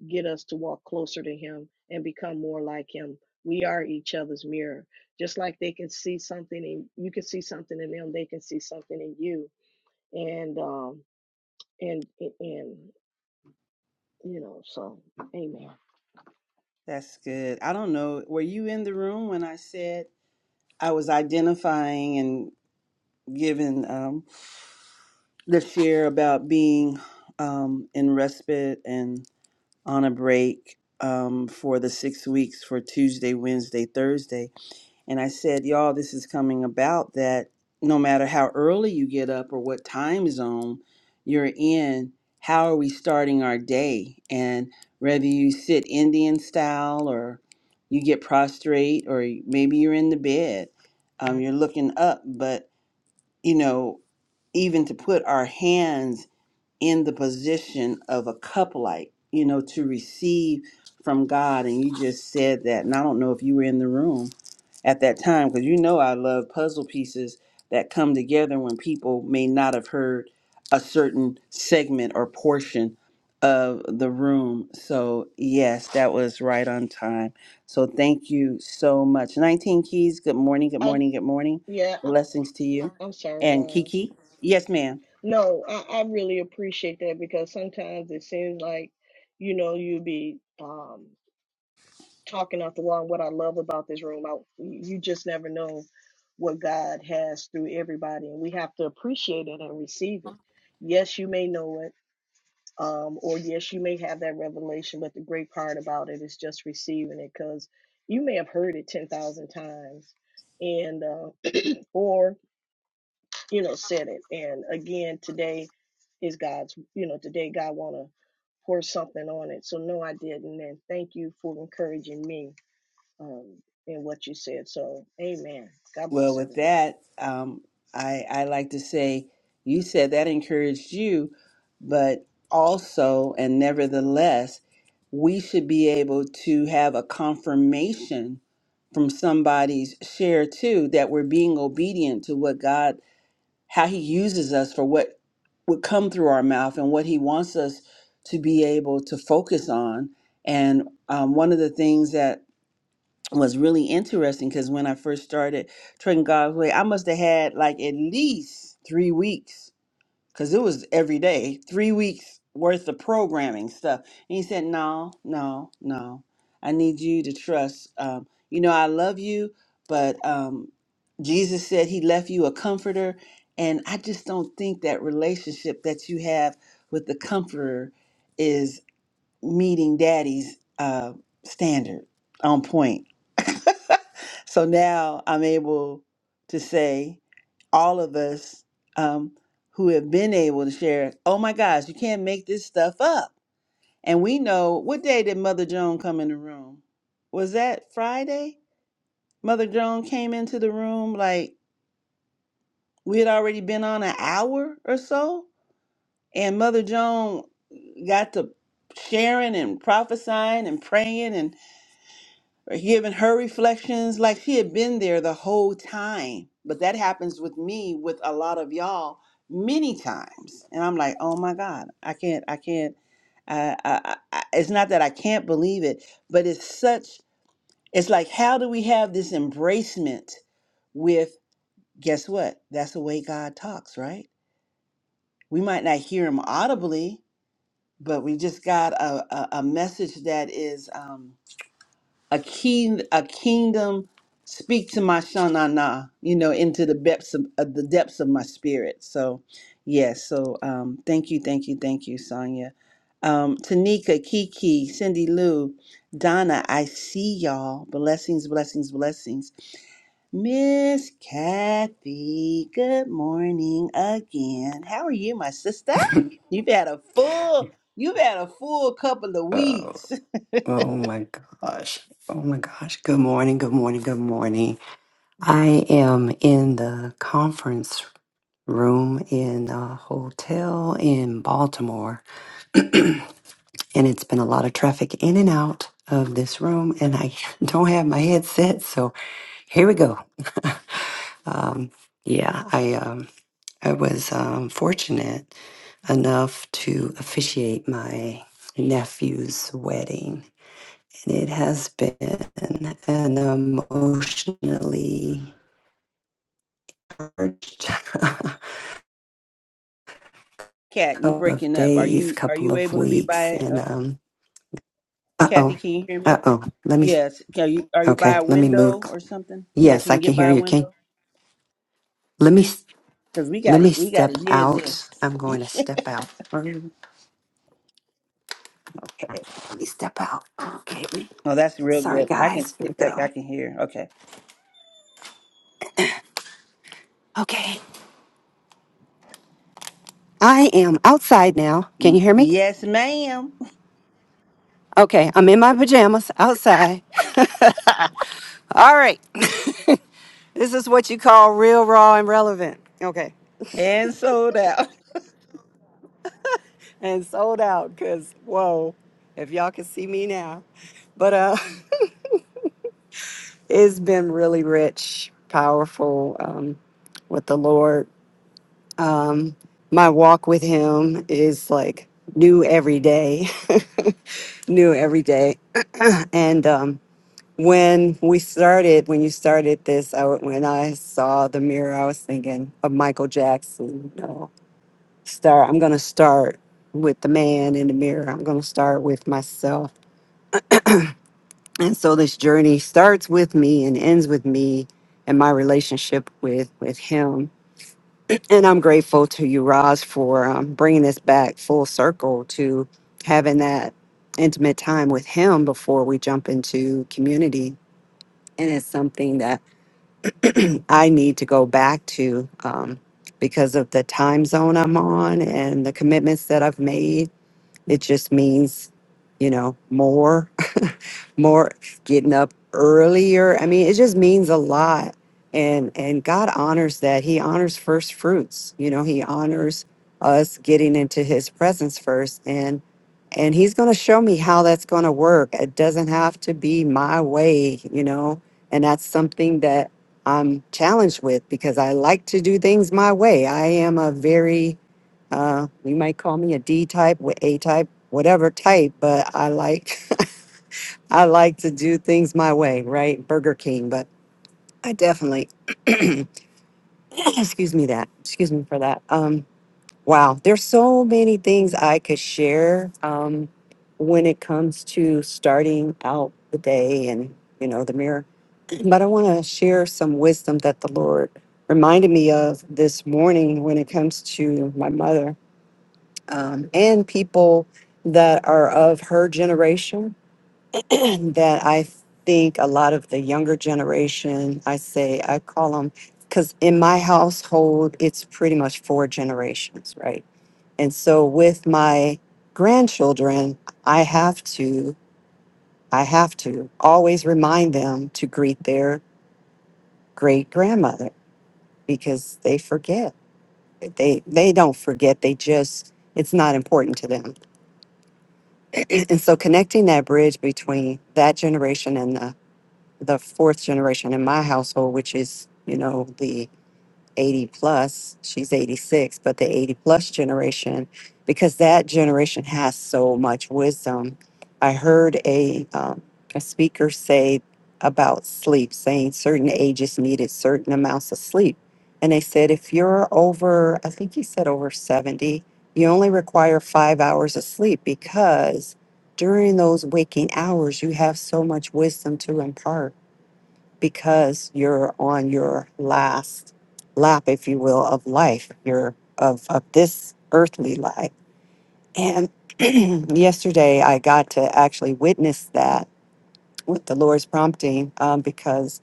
Speaker 4: get us to walk closer to Him and become more like Him. We are each other's mirror. Just like they can see something, and you can see something in them, they can see something in you. And um, and and and, you know, so Amen.
Speaker 1: That's good. I don't know. Were you in the room when I said I was identifying and giving um, the share about being um, in respite and on a break um, for the six weeks for Tuesday, Wednesday, Thursday? And I said, Y'all, this is coming about that no matter how early you get up or what time zone you're in, how are we starting our day? And whether you sit Indian style or you get prostrate or maybe you're in the bed, um, you're looking up. But, you know, even to put our hands in the position of a cup light, you know, to receive from God. And you just said that. And I don't know if you were in the room at that time because you know I love puzzle pieces that come together when people may not have heard a certain segment or portion of the room. So, yes, that was right on time. So, thank you so much. 19 Keys, good morning, good morning, good morning.
Speaker 4: Yeah, I-
Speaker 1: Blessings to you.
Speaker 4: I'm sorry,
Speaker 1: And
Speaker 4: Roz.
Speaker 1: Kiki, yes, ma'am.
Speaker 4: No, I, I really appreciate that because sometimes it seems like, you know, you be um, talking out the wall. what I love about this room, I, you just never know what God has through everybody, and we have to appreciate it and receive it. Yes, you may know it, um, or yes, you may have that revelation, but the great part about it is just receiving it because you may have heard it 10,000 times, and uh, or you know, said it. And again, today is God's, you know, today God want to pour something on it. So no, I didn't. And thank you for encouraging me um, in what you said. So amen. God
Speaker 1: Well,
Speaker 4: bless
Speaker 1: with
Speaker 4: everyone.
Speaker 1: that, um, I, I like to say, you said that encouraged you, but also and nevertheless, we should be able to have a confirmation from somebody's share too that we're being obedient to what God, how He uses us for what would come through our mouth and what He wants us to be able to focus on. And um, one of the things that was really interesting because when I first started trading God's way, I must have had like at least three weeks because it was every day, three weeks worth of programming stuff. And he said, No, no, no. I need you to trust. Um, you know, I love you, but um, Jesus said he left you a comforter. And I just don't think that relationship that you have with the comforter meeting daddy's uh, standard on point. so now I'm able to say, all of us um, who have been able to share, oh my gosh, you can't make this stuff up. And we know what day did Mother Joan come in the room? Was that Friday? Mother Joan came into the room like we had already been on an hour or so. And Mother Joan got to sharing and prophesying and praying. giving her reflections like she had been there the whole time. But that happens with me with a lot of y'all many times, and I'm like, oh my God, I can't, I can't. I, I, I, it's not that I can't believe it, but it's such. It's like, how do we have this embracement with? Guess what? That's the way God talks, right? We might not hear Him audibly, but we just got a a, a message that is. Um, a king a kingdom speak to my shanana you know into the depths of, of the depths of my spirit so yes so um thank you thank you thank you sonia um tanika kiki cindy lou donna i see y'all blessings blessings blessings miss kathy good morning again how are you my sister you've had a full you've had a full couple of
Speaker 3: Oh,
Speaker 1: weeks
Speaker 3: oh my gosh. Oh my gosh. Good morning. Good morning. Good morning. I am in the conference room in a hotel in Baltimore and it's been a lot of traffic in and out of this room, and I don't have my headset, so here we go. um, yeah, I um, I was um, fortunate enough to officiate my nephew's wedding, and it has been an emotionally charged
Speaker 1: Cat, you
Speaker 3: couple of
Speaker 1: breaking up. Are
Speaker 3: days,
Speaker 1: you are
Speaker 3: couple
Speaker 1: you
Speaker 3: of
Speaker 1: able to be
Speaker 3: weeks,
Speaker 1: by
Speaker 3: and
Speaker 1: a
Speaker 3: um, uh
Speaker 1: Kathy,
Speaker 3: oh,
Speaker 1: can you hear
Speaker 3: uh
Speaker 1: me?
Speaker 3: oh, let me.
Speaker 1: Yes. Can you are you by
Speaker 3: Okay,
Speaker 1: a
Speaker 3: let me move.
Speaker 1: window or something? Can that
Speaker 3: Yes,
Speaker 1: you
Speaker 3: I
Speaker 1: can
Speaker 3: can
Speaker 1: get by
Speaker 3: hear
Speaker 1: a
Speaker 3: you, Can
Speaker 1: window?
Speaker 3: Let me
Speaker 1: Because we
Speaker 3: let
Speaker 1: got
Speaker 3: me
Speaker 1: it. We got
Speaker 3: step
Speaker 1: to hear
Speaker 3: out.
Speaker 1: this.
Speaker 3: I'm going to step out. Um, Okay, let me step out. Okay,
Speaker 1: Oh, that's real
Speaker 3: sorry
Speaker 1: good. I can
Speaker 3: guys. Here we
Speaker 1: I,
Speaker 3: go.
Speaker 1: I can hear. Okay.
Speaker 3: Okay, I am outside now. Can
Speaker 1: Y-
Speaker 3: you hear me?
Speaker 1: Yes, ma'am.
Speaker 3: Okay, I'm in my pajamas outside. All right, this is what you call real, raw, and relevant. Okay,
Speaker 1: And sold out.
Speaker 3: and sold out. Cause whoa, if y'all can see me now, but uh. It's been really rich, powerful um, with the Lord. Um, my walk with Him is like new every day, new every day. And um, when we started, when you started this, I, w- when I saw the mirror, I was thinking of Michael Jackson. You know, start. I'm gonna start with the man in the mirror. I'm gonna start with myself and so this journey starts with me and ends with me and my relationship with with him and i'm grateful to you Roz, for um, bringing this back full circle to having that intimate time with him before we jump into community and it's something that i need to go back to um, because of the time zone i'm on and the commitments that i've made it just means you know more more getting up earlier. I mean, it just means a lot. And and God honors that. He honors first fruits. You know, he honors us getting into his presence first and and he's going to show me how that's going to work. It doesn't have to be my way, you know. And that's something that I'm challenged with because I like to do things my way. I am a very uh you might call me a D type, wh- A type, whatever type, but I like I like to do things my way, right? Burger King, but I definitely excuse me that. Excuse me for that. Um wow, there's so many things I could share um when it comes to starting out the day and you know the mirror. But I want to share some wisdom that the Lord reminded me of this morning when it comes to my mother um, and people that are of her generation that I think a lot of the younger generation, I say, I call them, because in my household, it's pretty much four generations, right? And so with my grandchildren, I have to, I have to always remind them to greet their great grandmother because they forget. They they don't forget. They just it's not important to them. and so connecting that bridge between that generation and the the fourth generation in my household, which is, you know, the 80 plus, she's 86, but the 80 plus generation, because that generation has so much wisdom. I heard a, um, a speaker say about sleep, saying certain ages needed certain amounts of sleep. And they said, if you're over, I think he said over 70, you only require five hours of sleep because during those waking hours, you have so much wisdom to impart because you're on your last lap, if you will, of life. You're of of this earthly life. And yesterday, I got to actually witness that with the Lord's prompting, um, because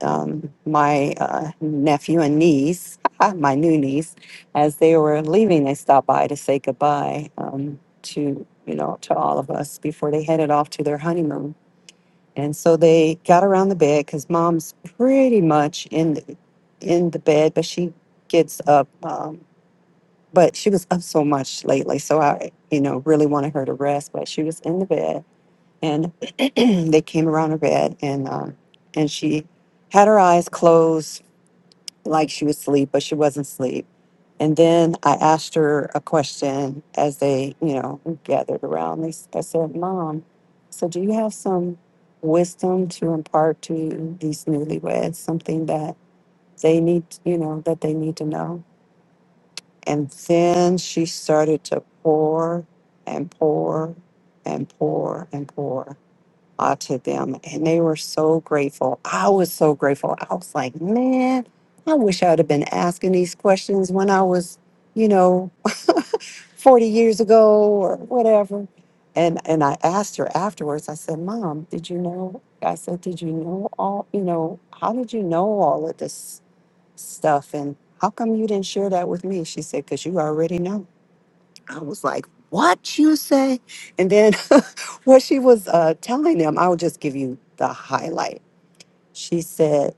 Speaker 3: um, my uh, nephew and niece, my new niece, as they were leaving, they stopped by to say goodbye um, to you know to all of us before they headed off to their honeymoon and so they got around the bed because mom's pretty much in the, in the bed, but she gets up. Um, but she was up so much lately, so I, you know, really wanted her to rest. But she was in the bed, and they came around her bed, and um, and she had her eyes closed like she was asleep, but she wasn't asleep. And then I asked her a question as they, you know, gathered around me. I said, Mom, so do you have some wisdom to impart to these newlyweds, something that they need, you know, that they need to know? And then she started to pour and pour and pour and pour uh, to them, and they were so grateful. I was so grateful. I was like, man, I wish I would have been asking these questions when I was, you know, 40 years ago or whatever. And and I asked her afterwards. I said, "Mom, did you know?" I said, "Did you know all? You know, how did you know all of this stuff? And how come you didn't share that with me?" She said, "Cause you already know." I was like, what you say? And then what she was uh, telling them, I will just give you the highlight. She said,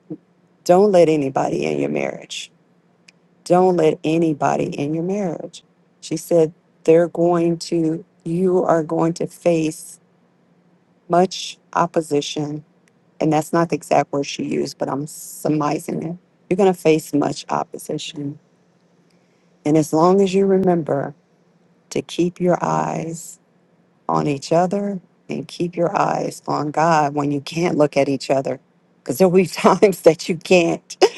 Speaker 3: don't let anybody in your marriage. Don't let anybody in your marriage. She said, they're going to, you are going to face much opposition. And that's not the exact word she used, but I'm surmising it. You're going to face much opposition. And as long as you remember to keep your eyes on each other and keep your eyes on God when you can't look at each other. Because there'll be times that you can't.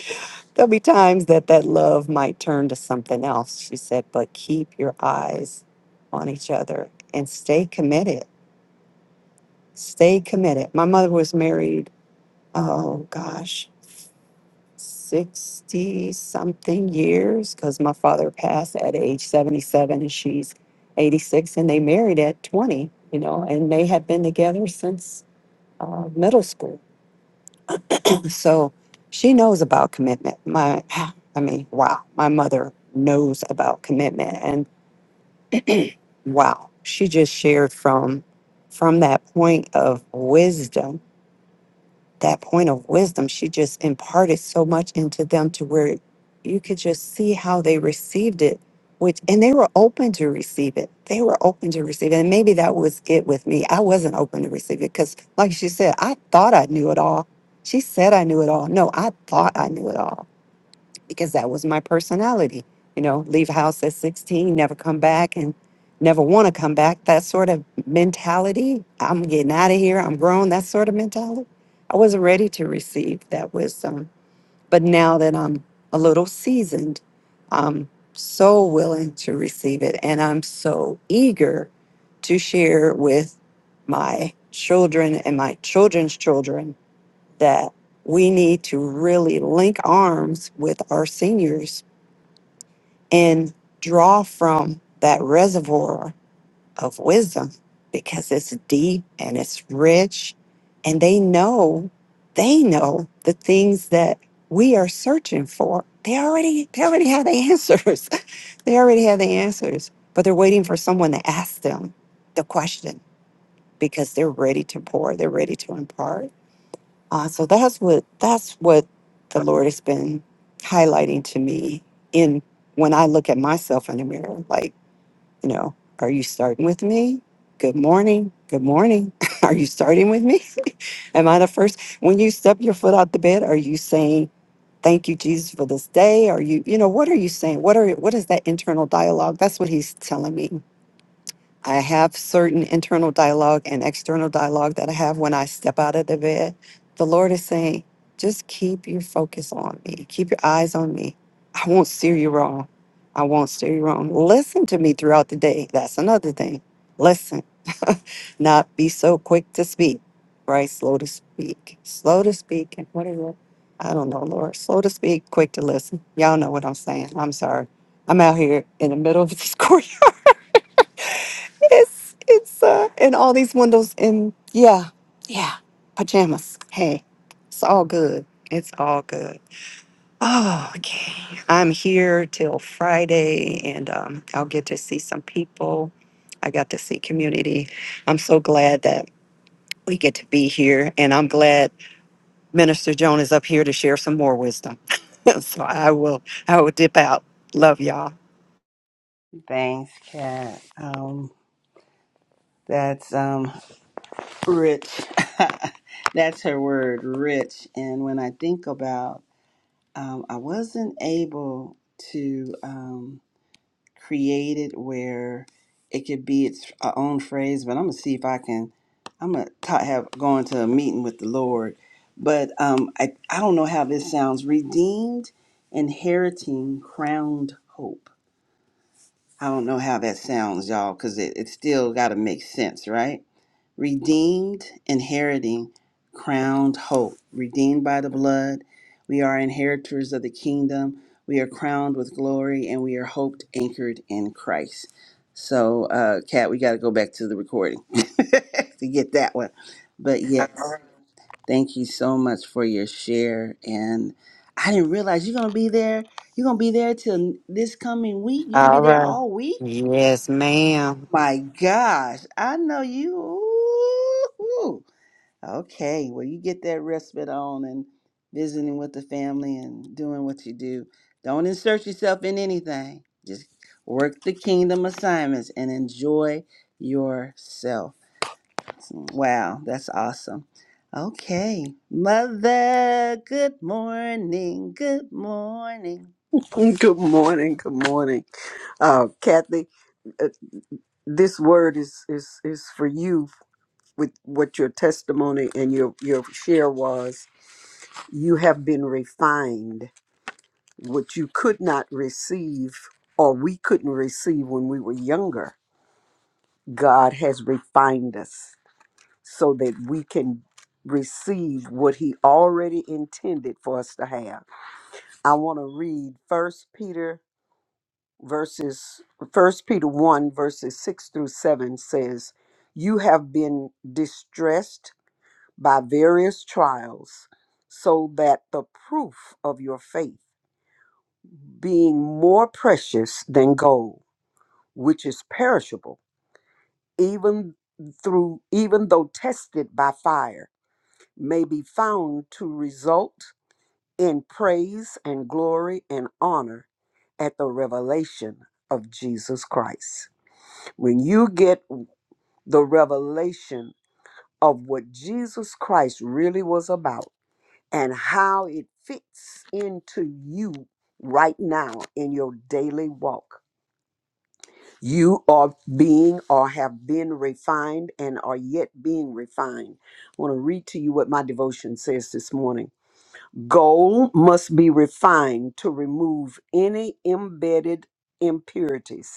Speaker 3: There'll be times that that love might turn to something else. She said, but keep your eyes on each other and stay committed. Stay committed. My mother was married, oh gosh, 60 something years because my father passed at age 77 and she's 86 and they married at 20, you know, and they have been together since uh, middle school. So she knows about commitment. My, I mean, wow, my mother knows about commitment, and wow, she just shared from from that point of wisdom that point of wisdom, she just imparted so much into them to where you could just see how they received it, which, and they were open to receive it. They were open to receive it. And maybe that was it with me. I wasn't open to receive it because, like she said, I thought I knew it all. She said I knew it all. No, I thought I knew it all because that was my personality. You know, leave house at 16, never come back and never want to come back. That sort of mentality. I'm getting out of here. I'm grown. That sort of mentality. I wasn't ready to receive that wisdom. But now that I'm a little seasoned, I'm so willing to receive it. And I'm so eager to share with my children and my children's children that we need to really link arms with our seniors and draw from that reservoir of wisdom because it's deep and it's rich and they know they know the things that we are searching for they already they already have the answers they already have the answers but they're waiting for someone to ask them the question because they're ready to pour they're ready to impart uh, so that's what that's what the Lord has been highlighting to me in when I look at myself in the mirror. Like, you know, are you starting with me? Good morning. Good morning. Are you starting with me? Am I the first? When you step your foot out the bed, are you saying thank you, Jesus, for this day? Are you, you know, what are you saying? What are what is that internal dialogue? That's what he's telling me I have certain internal dialogue and external dialogue that I have when I step out of the bed. The Lord is saying, just keep your focus on me. Keep your eyes on me. I won't steer you wrong. I won't steer you wrong. Listen to me throughout the day. That's another thing. Listen. Not be so quick to speak, right? Slow to speak. Slow to speak. And what is it? I don't know, Lord. Slow to speak, quick to listen. Y'all know what I'm saying. I'm sorry. I'm out here in the middle of this court it's it's uh and all these windows and yeah, yeah, pajamas. Hey, it's all good. It's all good. Oh, okay. I'm here till Friday and um I'll get to see some people. I got to see community. I'm so glad that we get to be here and I'm glad Minister Joan is up here to share some more wisdom. so I will I will dip out. Love y'all.
Speaker 1: Thanks, Kat. Um, that's um, rich. that's her word, rich. And when I think about, um, I wasn't able to um, create it where it could be its uh, own phrase, but I'm gonna see if I can. I'm gonna ta have going to a meeting with the Lord, but um, I I don't know how this sounds. Redeemed, inheriting, crowned hope I don't know how that sounds, y'all, because it, it still got to make sense, right? Redeemed, inheriting, crowned hope. Redeemed by the blood, we are inheritors of the kingdom. We are crowned with glory, and we are hoped anchored in Christ. So, uh, Kat, we got to go back to the recording to get that one. But yes, thank you so much for your share. And I didn't realize you're gonna be there. You're gonna be there till this coming week. You're gonna be
Speaker 3: All
Speaker 1: there
Speaker 3: right.
Speaker 1: all week
Speaker 3: Yes, ma'am.
Speaker 1: my gosh. I know you. Ooh. Okay. Well, you get that respite on and visiting with the family and doing what you do. Don't insert yourself in anything. Just work the kingdom assignments and enjoy yourself. Wow. That's awesome. Okay. Mother, good morning. Good morning.
Speaker 5: Good morning. Good morning, uh, Kathy. uh, This word is is is for you with what your testimony and your your share was. You have been refined. What you could not receive, or we couldn't receive when we were younger, God has refined us so that we can receive what He already intended for us to have. I want to read First Peter verses first peter 1 verses 6 through 7 says you have been distressed by various trials so that the proof of your faith being more precious than gold which is perishable even through even though tested by fire may be found to result in praise and glory and honor at the revelation of jesus christ when you get the revelation of what Jesus Christ really was about and how it fits into you right now in your daily walk. You are being or have been refined and are yet being refined. I want to read to you what my devotion says this morning. Gold must be refined to remove any embedded impurities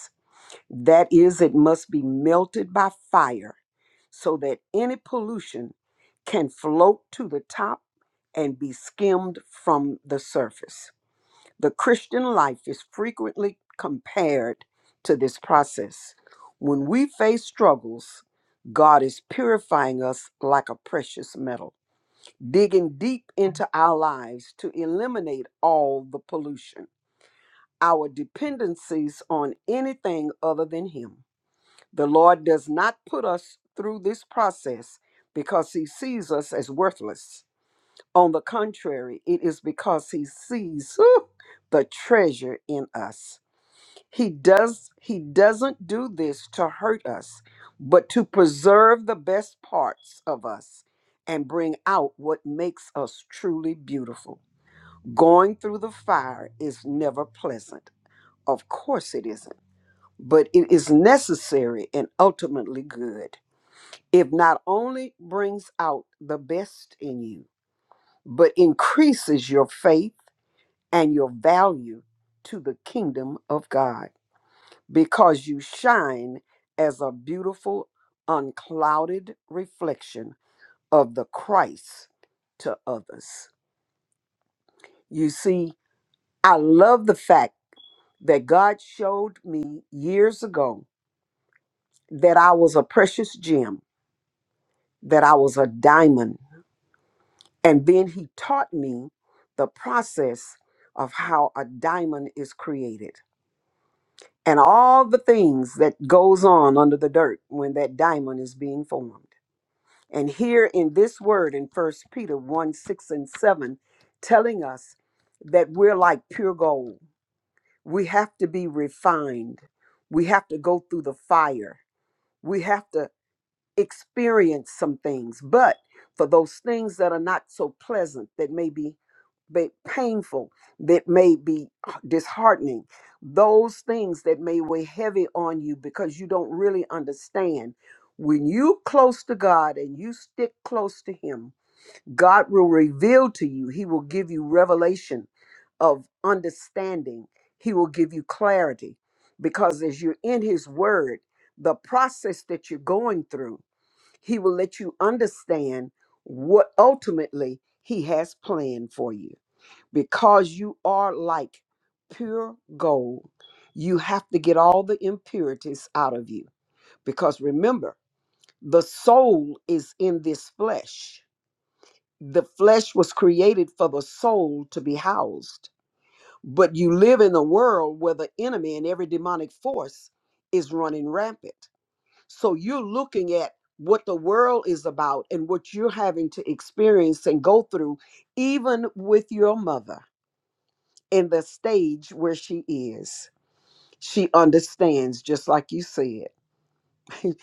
Speaker 5: that is, it must be melted by fire so that any pollution can float to the top and be skimmed from the surface. The Christian life is frequently compared to this process. When we face struggles, God is purifying us like a precious metal, digging deep into our lives to eliminate all the pollution, our dependencies on anything other than Him the Lord does not put us through this process because he sees us as worthless. On the contrary, it is because he sees whew, the treasure in us. He does he doesn't do this to hurt us, but to preserve the best parts of us and bring out what makes us truly beautiful. Going through the fire is never pleasant. Of course it isn't, but it is necessary and ultimately good. It not only brings out the best in you, but increases your faith and your value to the kingdom of God because you shine as a beautiful, unclouded reflection of the Christ to others. You see, I love the fact that God showed me years ago that I was a precious gem, that I was a diamond And then he taught me the process of how a diamond is created and all the things that goes on under the dirt when that diamond is being formed. And here in this word in First Peter 1 6 and 7, telling us that we're like pure gold. We have to be refined. We have to go through the fire. We have to experience some things, but for those things that are not so pleasant, that may be ba- painful, that may be uh, disheartening, those things that may weigh heavy on you because you don't really understand. When you close to God and you stick close to Him, God will reveal to you. He will give you revelation of understanding. He will give you clarity because as you're in His Word, the process that you're going through. He will let you understand what ultimately He has planned for you. Because you are like pure gold, you have to get all the impurities out of you. Because remember, the soul is in this flesh. The flesh was created for the soul to be housed. But you live in a world where the enemy and every demonic force is running rampant. So you're looking at what the world is about and what you're having to experience and go through, even with your mother in the stage where she is. She understands, just like you said.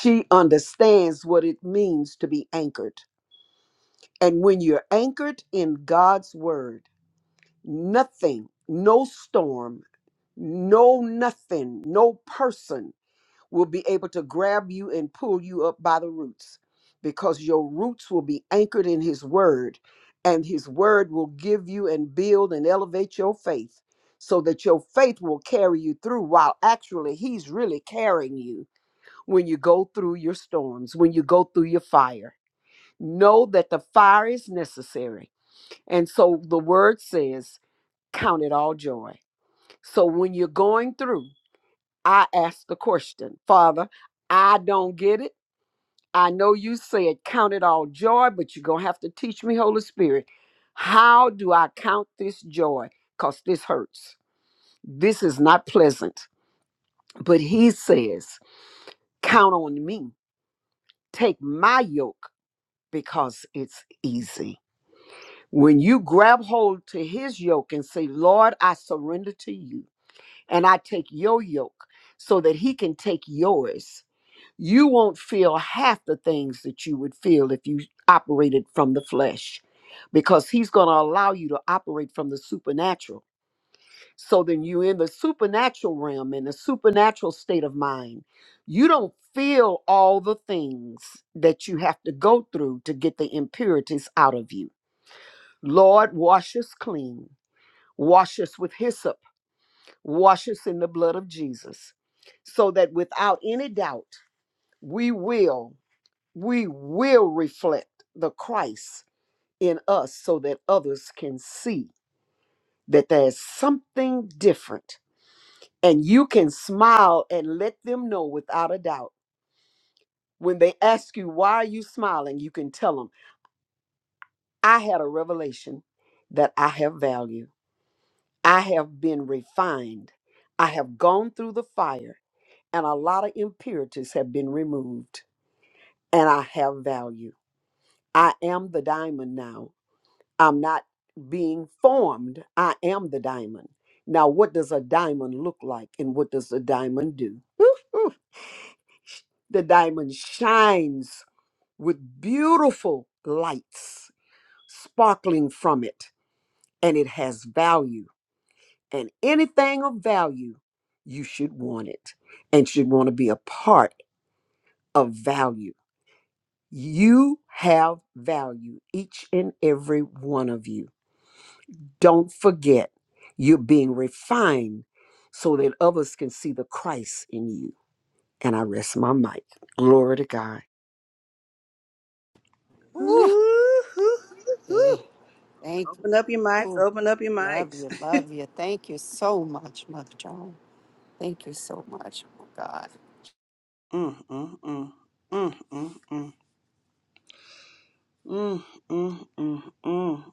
Speaker 5: she understands what it means to be anchored. And when you're anchored in God's word, nothing, no storm, no nothing, no person will be able to grab you and pull you up by the roots because your roots will be anchored in His Word, and His Word will give you and build and elevate your faith so that your faith will carry you through while actually He's really carrying you when you go through your storms, when you go through your fire. Know that the fire is necessary. And so the Word says, Count it all joy. So when you're going through, I ask the question, Father, I don't get it. I know you said count it all joy, but you're going to have to teach me, Holy Spirit. How do I count this joy? Because this hurts. This is not pleasant. But he says, count on me. Take my yoke because it's easy. When you grab hold to his yoke and say, Lord, I surrender to you and I take your yoke so that he can take yours you won't feel half the things that you would feel if you operated from the flesh because he's going to allow you to operate from the supernatural so then you're in the supernatural realm in a supernatural state of mind you don't feel all the things that you have to go through to get the impurities out of you lord wash us clean wash us with hyssop wash us in the blood of jesus so that without any doubt we will we will reflect the Christ in us so that others can see that there's something different. And you can smile and let them know without a doubt. When they ask you, why are you smiling? You can tell them, I had a revelation that I have value. I have been refined. I have gone through the fire, and a lot of impurities have been removed, and I have value. I am the diamond now. I'm not being formed. I am the diamond. Now, what does a diamond look like and what does a diamond do? Ooh, the diamond shines with beautiful lights sparkling from it, and it has value. And anything of value, you should want it and should want to be a part of value. You have value, each and every one of you Don't forget, you're being refined so that others can see the Christ in you. And I rest my mic. Glory to God.
Speaker 1: Ooh,
Speaker 3: Woo.
Speaker 1: hoo, hoo, hoo.
Speaker 3: Thank
Speaker 1: Open
Speaker 3: you.
Speaker 1: up your mics.
Speaker 3: Oh,
Speaker 1: Open up your
Speaker 3: love
Speaker 1: mics.
Speaker 3: you, love you. Thank you so much, Mother Joan. Thank you so much. Oh, God.
Speaker 1: Mm, mm, mm. Mm, mm, mm, mm, mm, mm, mm.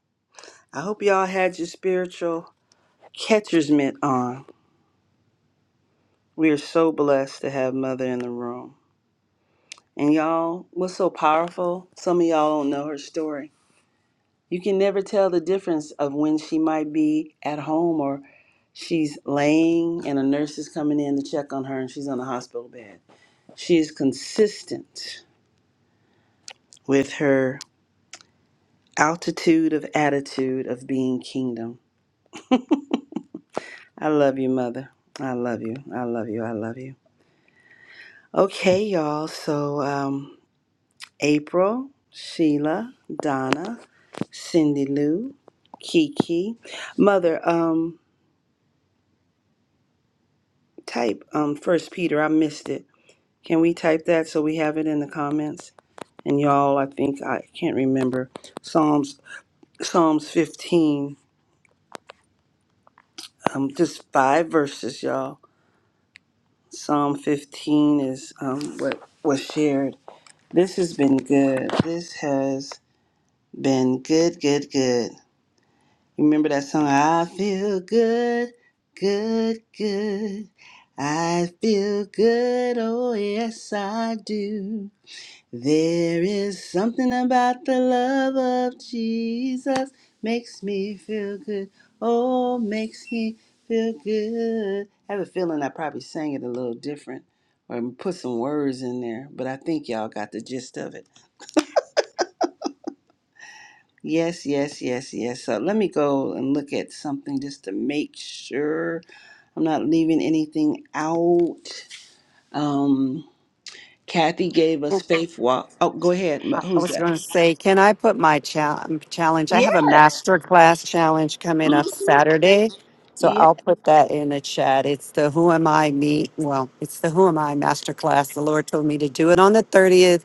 Speaker 1: I hope y'all had your spiritual catcher's mitt on. We are so blessed to have Mother in the room. And y'all, what's so powerful? Some of y'all don't know her story. You can never tell the difference of when she might be at home or she's laying and a nurse is coming in to check on her and she's on a hospital bed. She is consistent with her altitude of attitude of being kingdom. I love you, Mother. I love you. I love you. I love you. Okay, y'all. So, um, April, Sheila, Donna, Cindy Lou, Kiki. Mother, um, type um, First Peter. I missed it. Can we type that so we have it in the comments? And y'all, I think I can't remember Psalms Psalms 15. Um, just five verses, y'all. Psalm 15 is um, what was shared. This has been good. This has Been good, good, good. You Remember that song? I feel good, good, good. I feel good, oh yes, I do. There is something about the love of Jesus makes me feel good. Oh, makes me feel good. I have a feeling I probably sang it a little different or put some words in there, but I think y'all got the gist of it. Yes, yes, yes, yes. So let me go and look at something just to make sure I'm not leaving anything out. Um, Kathy gave us faith walk. Oh, go ahead. Ma-
Speaker 3: I I
Speaker 1: Who's
Speaker 3: was going
Speaker 1: that?
Speaker 3: to say, can I put my chal- challenge? I have a
Speaker 1: Yes,
Speaker 3: master class challenge coming up Saturday. So
Speaker 1: yes,
Speaker 3: I'll put that in the chat. It's the Who Am I Me? Well, it's the Who Am I master class. The Lord told me to do it on the 30th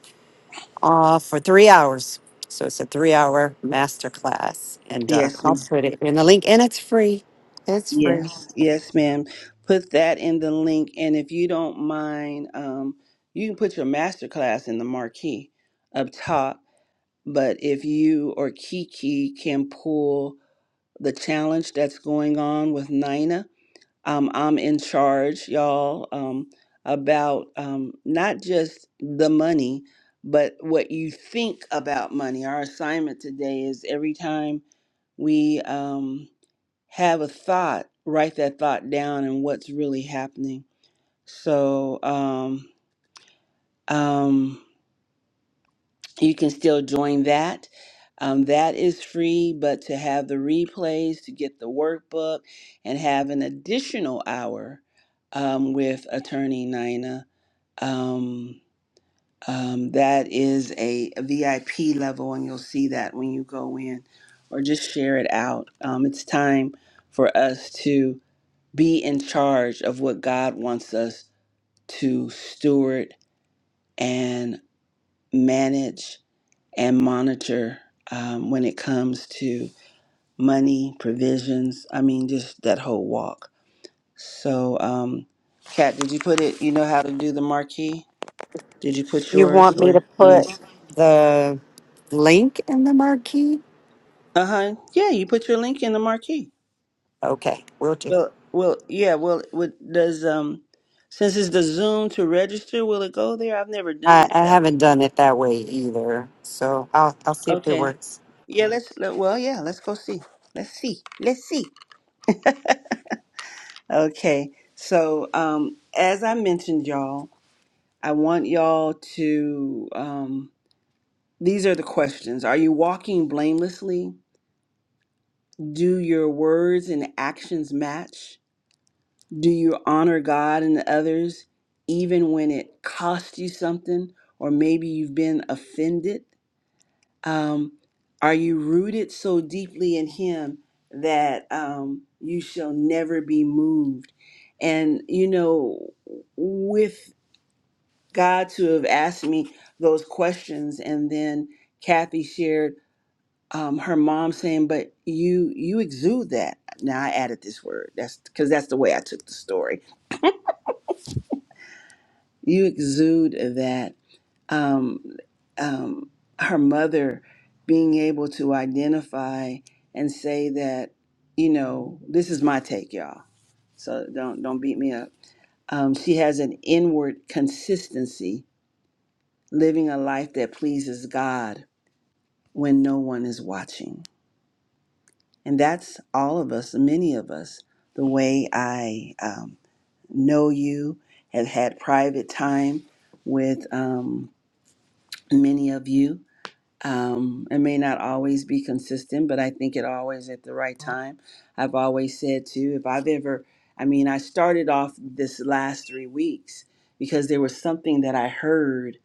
Speaker 3: uh, for three hours. So it's a three hour master class. And uh,
Speaker 1: yes,
Speaker 3: I'll
Speaker 1: ma'am.
Speaker 3: put it in the link, and it's free. It's free.
Speaker 1: yes, yes, ma'am. Put that in the link, and if you don't mind, um, you can put your master class in the marquee up top. But if you or Kiki can pull the challenge that's going on with Nina um, I'm in charge, y'all, um, about um, not just the money, but what you think about money. Our assignment today is every time we um, have a thought, write that thought down and what's really happening. So, um, um, you can still join that. Um, that is free, but to have the replays, to get the workbook, and have an additional hour um, with Attorney Nina, um, um, that is a, VIP level, and you'll see that when you go in, or just share it out. Um, it's time for us to be in charge of what God wants us to steward and manage and monitor um, when it comes to money, provisions. I mean, just that whole walk. So, um, Kat, did you put it? You know how to do the marquee? Did you put
Speaker 3: You
Speaker 1: yours?
Speaker 3: want me to
Speaker 1: Or let me.
Speaker 3: put the link in the marquee?
Speaker 1: Uh huh. Yeah, you put your link in the marquee.
Speaker 3: Okay, will do.
Speaker 1: Well, well, yeah. Well, what does um, since it's the Zoom to register, will it go there? I've never done
Speaker 3: I,
Speaker 1: it
Speaker 3: I
Speaker 1: that way,
Speaker 3: haven't
Speaker 1: but
Speaker 3: done it that way either, so I'll I'll see if it
Speaker 1: okay.
Speaker 3: works.
Speaker 1: Yeah, let's. Let, well, yeah, let's go see. Let's see. Let's see. Okay, so um, as I mentioned, y'all, I want y'all to. Um, these are the questions Are you walking blamelessly? Do your words and actions match? Do you honor God and others, even when it costs you something, or maybe you've been offended? Um, are you rooted so deeply in Him that um, you shall never be moved? And, you know, with God to have asked me those questions. And then Kathy shared um, her mom saying, "But you you exude that." Now I added this word. That's because that's the way I took the story. You exude that. Um, um, her mother being able to identify and say that, you know, this is my take, y'all. So don't don't beat me up. Um, she has an inward consistency, living a life that pleases God when no one is watching. And that's all of us, many of us, the way I um, know you, have had private time with um, many of you. Um, it may not always be consistent, but I think it always at the right time. I've always said too, if I've ever, I mean, I started off this last three weeks because there was something that I heard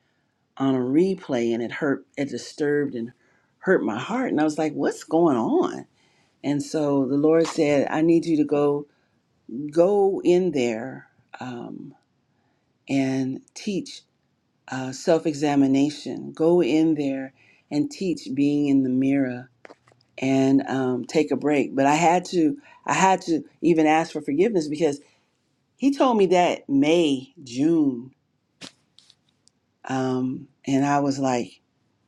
Speaker 1: on a replay and it hurt, it disturbed and hurt my heart. And I was like, what's going on? And so the Lord said, I need you to go, go in there um, and teach uh, self examination. Go in there and teach being in the mirror and um, take a break. But I had to, I had to even ask for forgiveness because he told me that May, June. Um, and I was like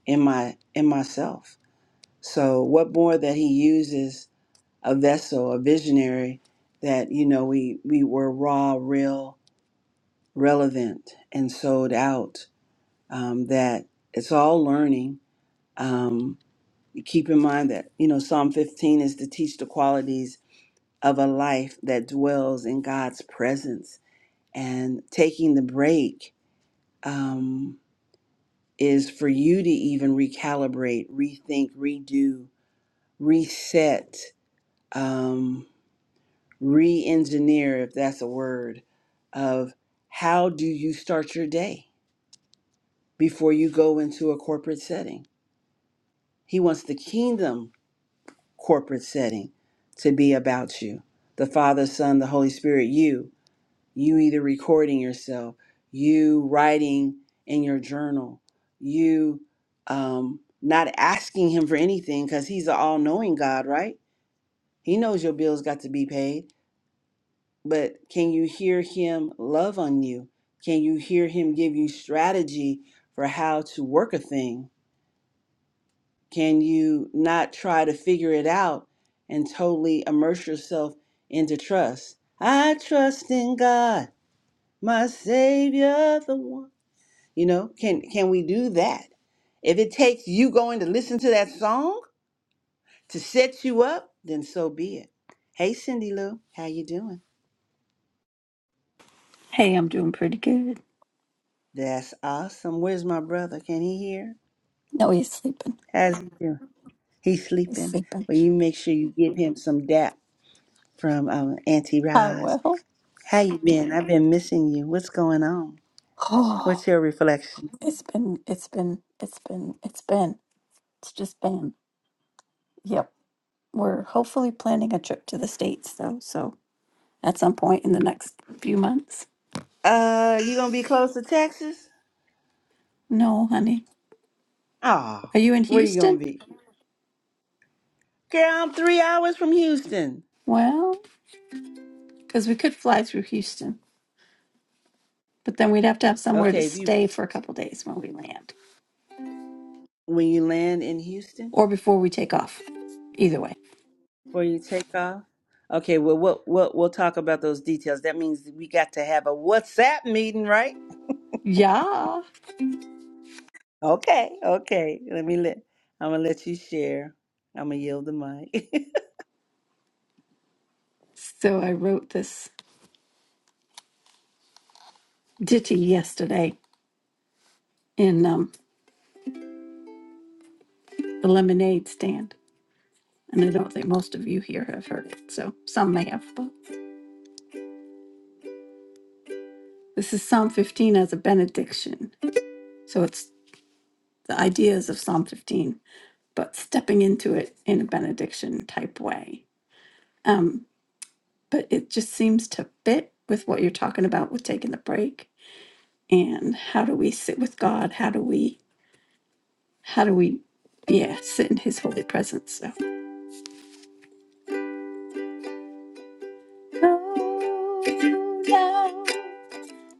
Speaker 1: in my, in myself. So what more that he uses a vessel, a visionary that you know we we were raw, real, relevant, and sold out. Um, that it's all learning. Um, keep in mind that you know Psalm 15 is to teach the qualities of a life that dwells in God's presence, and taking the break um, is for you to even recalibrate, rethink, redo, reset. Um, re-engineer if that's a word of how do you start your day before you go into a corporate setting he wants the kingdom corporate setting to be about you the father son the holy spirit you you either recording yourself you writing in your journal you um not asking him for anything because he's an all-knowing god right he knows your bills got to be paid but can you hear him love on you? Can you hear him give you strategy for how to work a thing? Can you not try to figure it out and totally immerse yourself into trust? I trust in God, my Savior, the one. You know, can can we do that? If it takes you going to listen to that song to set you up, then so be it. Hey, Cindy Lou, how you doing?
Speaker 6: Hey, I'm doing pretty good.
Speaker 1: That's awesome. Where's my brother? Can he hear?
Speaker 6: No, he's sleeping.
Speaker 1: How's he doing? He's
Speaker 6: He's
Speaker 1: sleeping.
Speaker 6: sleeping.
Speaker 1: Well, you make sure you give him some dap from um, Auntie
Speaker 6: I
Speaker 1: Roz.
Speaker 6: will.
Speaker 1: How you been? I've been missing you. What's going on?
Speaker 6: Oh,
Speaker 1: What's your reflection?
Speaker 6: it's been, it's been, it's been, it's been, it's just been. Yep. We're hopefully planning a trip to the States, though. So at some point in the next few months.
Speaker 1: Uh, you gonna be close to Texas?
Speaker 6: No, honey.
Speaker 1: Oh,
Speaker 6: Are you in
Speaker 1: where you gonna
Speaker 6: Houston?
Speaker 1: be? Girl, I'm three hours from Houston.
Speaker 6: Well, because we could fly through Houston, but then we'd have to have somewhere to
Speaker 1: Okay, if you
Speaker 6: stay for a couple days when we land
Speaker 1: when you land in Houston,
Speaker 6: or before we take off. Either way.
Speaker 1: where you take off. Okay, well, we'll we'll, we'll talk about those details. That means we got to have a WhatsApp meeting, right?
Speaker 6: Yeah.
Speaker 1: Okay, okay. Let me let I'm gonna let you share. I'm gonna yield the mic.
Speaker 6: So I wrote this ditty yesterday in um, the lemonade stand. And I don't think most of you here have heard it, so some may have. But this is Psalm 15 as a benediction. So it's the ideas of Psalm 15, but stepping into it in a benediction type way. Um, but it just seems to fit with what you're talking about with taking the break and how do we sit with God? How do we, how do we, yeah, sit in His holy presence?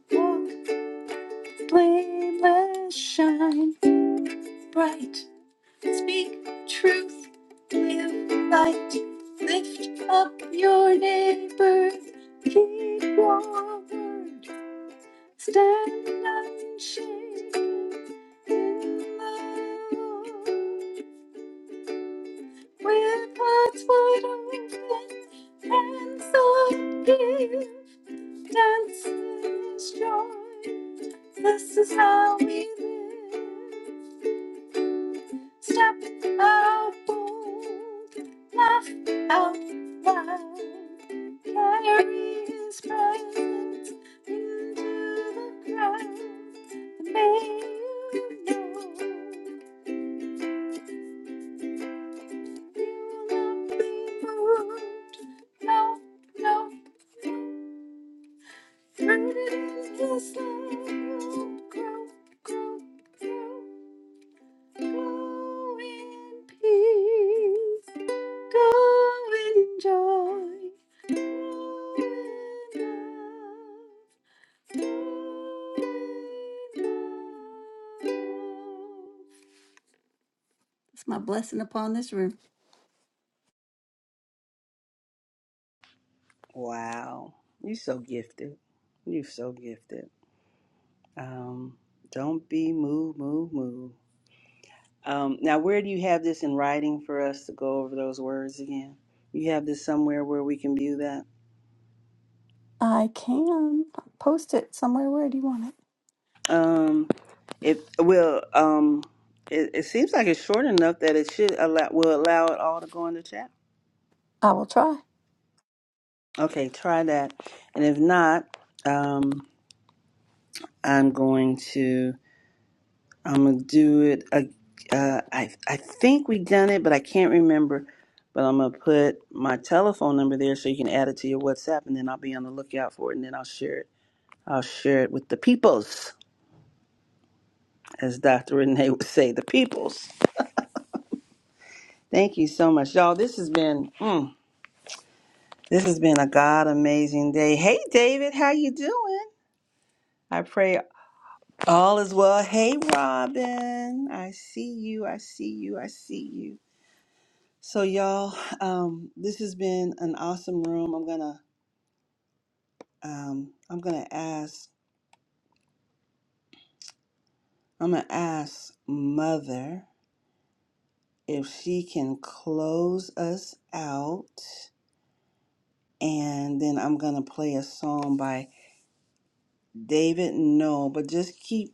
Speaker 6: So. Blameless, shine bright. Speak truth, live light. Lift up your neighbor. Keep your word. Stand unshaken in love. With hearts wide open, hands forgive. Dance is joy. This is how we live. Step out bold, laugh out loud, carry his presence into the crowd. And may you know you'll not be moved. No, no, no. Rooted in his love, you'll grow, grow, grow, grow in peace go in joy. It's my blessing upon this room.
Speaker 1: wow, you so gifted. You so gifted. Um, don't be move, move, move. Um, now, where do you have this in writing for us to go over those words again? You have this somewhere where we can view that.
Speaker 6: I can post it somewhere. Where do you want it?
Speaker 1: Um, it will. Um, it, it seems like it's short enough that it should allow will allow it all to go in the chat.
Speaker 6: I will try.
Speaker 1: Okay, try that, and if not. Um, I'm going to I'm gonna do it. Uh, uh, I I think we done it, but I can't remember. But I'm gonna put my telephone number there so you can add it to your WhatsApp, and then I'll be on the lookout for it, and then I'll share it. I'll share it with the peoples, as Dr. Renee would say, the peoples. Thank you so much, y'all. This has been mm, this has been a god amazing day. Hey, David, how you doing? I pray all is well. Hey, Robin, I see you. I see you. I see you. So y'all, um, this has been an awesome room. I'm gonna um, I'm gonna ask I'm gonna ask Mother if she can close us out, and then I'm gonna play a song by David Noel. But just keep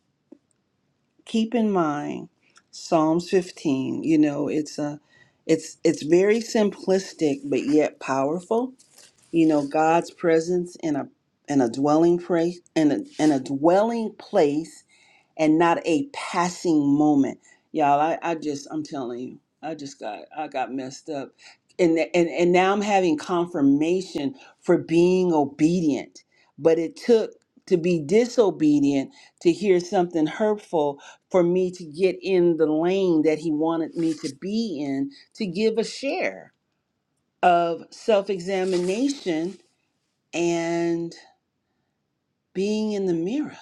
Speaker 1: keep in mind Psalms 15. You know, it's a it's it's very simplistic but yet powerful you know god's presence in a in a dwelling place in a, in a dwelling place and not a passing moment y'all I, I just i'm telling you i just got i got messed up and and and now i'm having confirmation for being obedient but it took to be disobedient to hear something hurtful for me to get in the lane that he wanted me to be in to give a share of self-examination and being in the mirror.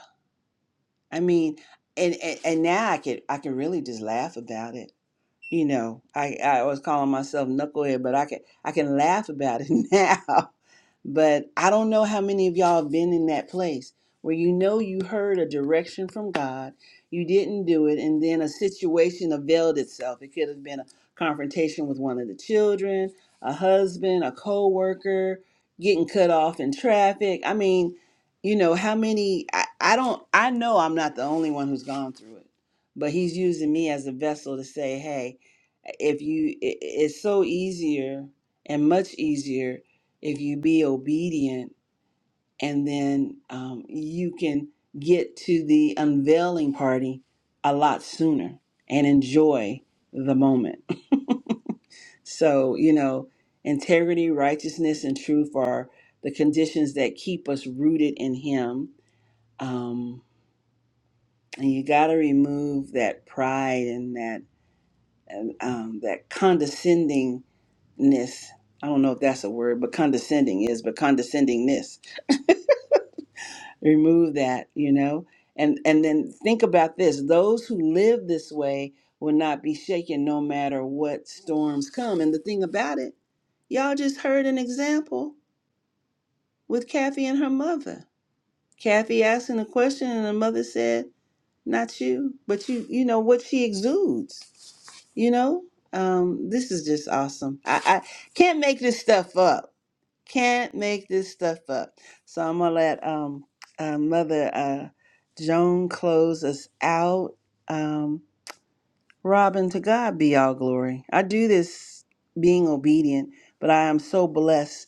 Speaker 1: I mean, and, and and now I could I can really just laugh about it. You know, I I was calling myself knucklehead, but I can I can laugh about it now but I don't know how many of y'all have been in that place where you know you heard a direction from God, you didn't do it, and then a situation availed itself. It could have been a confrontation with one of the children, a husband, a co worker, getting cut off in traffic. I mean, you know, how many, I, I don't, I know I'm not the only one who's gone through it, but He's using me as a vessel to say, hey, if you, it, it's so easier and much easier if you be obedient and then um, you can get to the unveiling party a lot sooner and enjoy the moment so you know integrity righteousness and truth are the conditions that keep us rooted in him um, and you got to remove that pride and that and, um, that condescendingness i don't know if that's a word but condescending is but condescendingness remove that you know and and then think about this those who live this way will not be shaken no matter what storms come and the thing about it y'all just heard an example with kathy and her mother kathy asking a question and her mother said not you but you you know what she exudes you know um this is just awesome i i can't make this stuff up can't make this stuff up. So I'm gonna let um uh, Mother uh, Joan close us out. Um, Robin, to God be all glory. I do this being obedient, but I am so blessed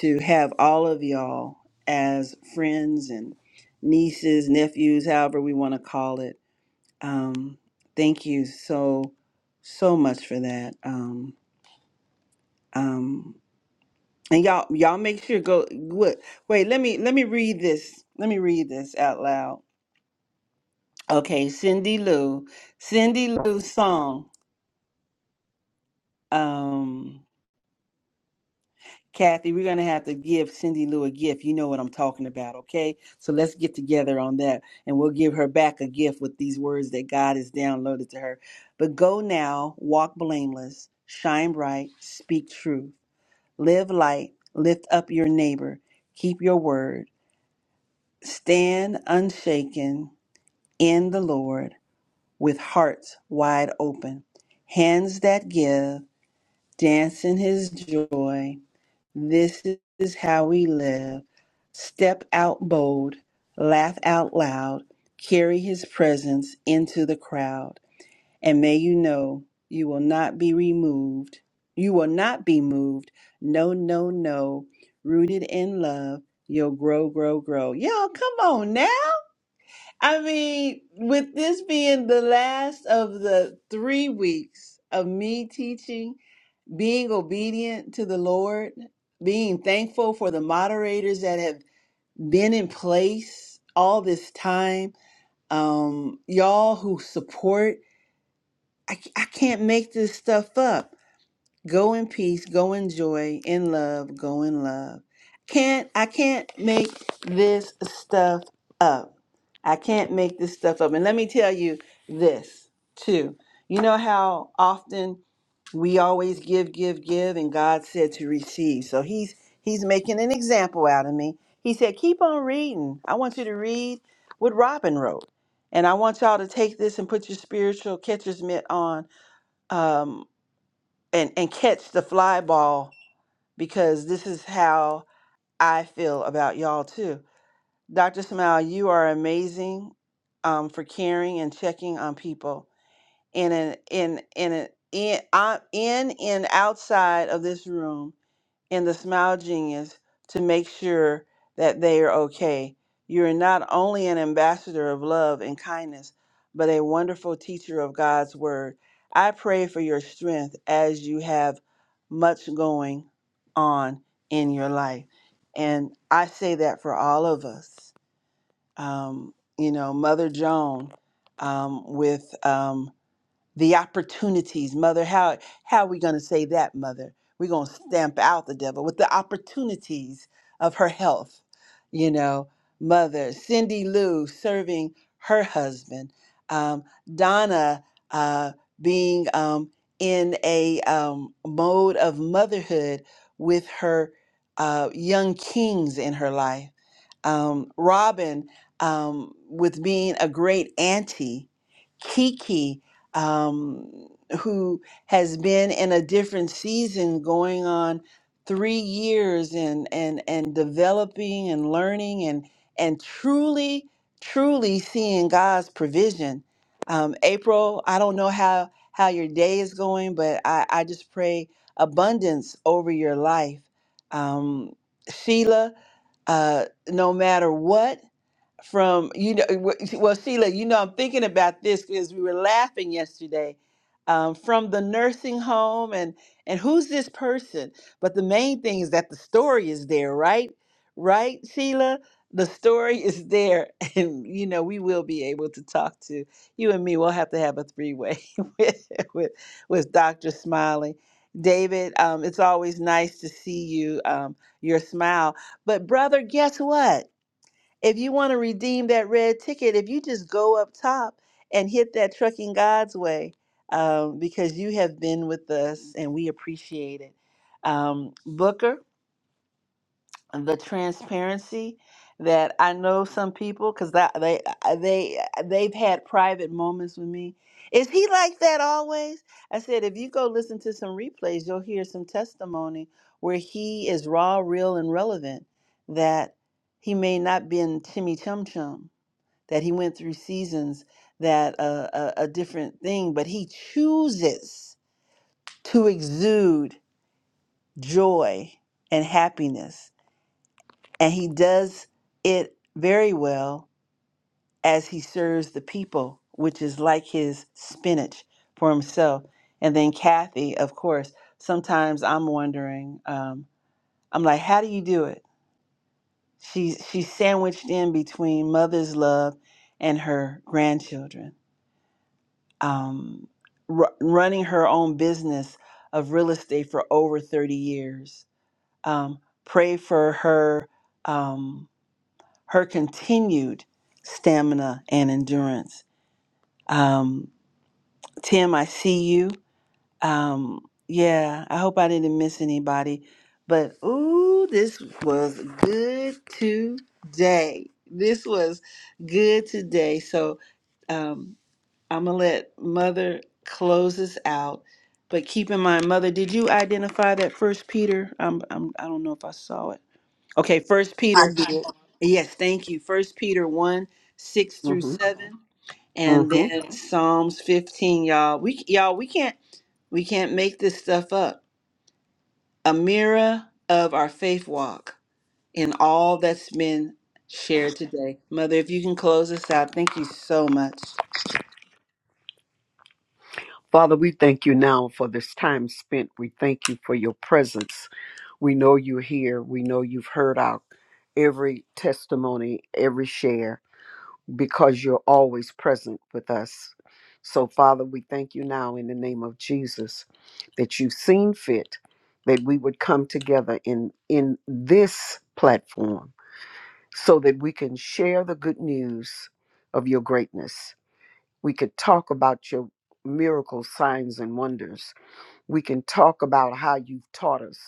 Speaker 1: to have all of y'all as friends and nieces, nephews, however we want to call it. Um, thank you so so much for that. Um, um, And y'all, y'all make sure go what wait, let me let me read this. Let me read this out loud. Okay, Cindy Lou. Cindy Lou's song. Um Kathy, we're gonna have to give Cindy Lou a gift. You know what I'm talking about, okay? So let's get together on that and we'll give her back a gift with these words that God has downloaded to her. But go now, walk blameless, shine bright, speak truth, live light, lift up your neighbor, keep your word. Stand unshaken in the Lord with hearts wide open, hands that give, dance in his joy. This is how we live. Step out bold, laugh out loud, carry his presence into the crowd. And may you know you will not be removed. You will not be moved. No, no, no. Rooted in love, you'll grow, grow, grow. Y'all, come on now. I mean, with this being the last of the three weeks of me teaching, being obedient to the Lord, being thankful for the moderators that have been in place all this time, um, y'all who support, I, I can't make this stuff up. Go in peace, go in joy, in love, go in love. Can't I can't make this stuff up. I can't make this stuff up. And let me tell you this too. You know how often we always give, give, give, and God said to receive. So he's he's making an example out of me. He said, keep on reading. I want you to read what Robin wrote. And I want y'all to take this and put your spiritual catcher's mitt on um, and and catch the fly ball because this is how I feel about y'all too. Dr. Smile, you are amazing um, for caring and checking on people in an in in an in, uh, in and outside of this room in the Smile Genius to make sure that they are okay. You're not only an ambassador of love and kindness, but a wonderful teacher of God's word. I pray for your strength as you have much going on in your life. And I say that for all of us. Um, you know, Mother Joan um, with. Um, the opportunities, mother. How how are we going to say that, mother? We're going to stamp out the devil with the opportunities of her health, you know, mother. Cindy Lou serving her husband, um, Donna uh, being um, in a um, mode of motherhood with her uh, young kings in her life um, Robin um, with being a great auntie, Kiki, um, who has been in a different season going on three years and and and developing and learning and and truly truly seeing God's provision. Um, April, I don't know how how your day is going, but I, I just pray abundance over your life. Um, Sheila, uh, no matter what, from you know w- well sheila you know i'm thinking about this because we were laughing yesterday um, from the nursing home and and who's this person but the main thing is that the story is there right right sheila the story is there and you know we will be able to talk to you and me we'll have to have a three-way with with, with dr smiley david um, it's always nice to see you um, your smile but brother guess what if you want to redeem that red ticket, if you just go up top and hit that Trucking God's Way, um, because you have been with us and we appreciate it. Um, Booker, the transparency that I know some people because they they uh, they've had private moments with me. Is he like that always? I said, if you go listen to some replays, you'll hear some testimony where he is raw, real, and relevant. That he may not be in Timmy Chum Chum that he went through seasons that uh, a, a different thing, but he chooses to exude joy and happiness. And he does it very well as he serves the people, which is like his spinach for himself. And then Kathy, of course, sometimes I'm wondering, um, I'm like, how do you do it? She's, she's sandwiched in between mother's love and her grandchildren um, r- running her own business of real estate for over 30 years. Um, pray for her um, her continued stamina and endurance. Um, Tim, I see you. Um, yeah, I hope I didn't miss anybody. But ooh, this was good today. This was good today. So um, I'm gonna let Mother close us out. But keep in mind, Mother, did you identify that First Peter? I'm, I'm, I don't know if I saw it. Okay, First
Speaker 5: I
Speaker 1: Peter.
Speaker 5: did.
Speaker 1: Yes, thank you. First Peter one six through
Speaker 5: hmm
Speaker 1: seven, and
Speaker 5: hmm
Speaker 1: then Psalms fifteen. Y'all, we y'all we can't we can't make this stuff up. A mirror of our faith walk in all that's been shared today. Mother, if you can close us out, thank you so much.
Speaker 5: Father, we thank you now for this time spent. We thank you for your presence. We know you're here. We know you've heard our every testimony, every share. because you're always present with us. So, Father, we thank you now in the name of Jesus that you've seen fit that we would come together in, in this platform so that we can share the good news of your greatness. We could talk about your miracles, signs, and wonders. We can talk about how you've taught us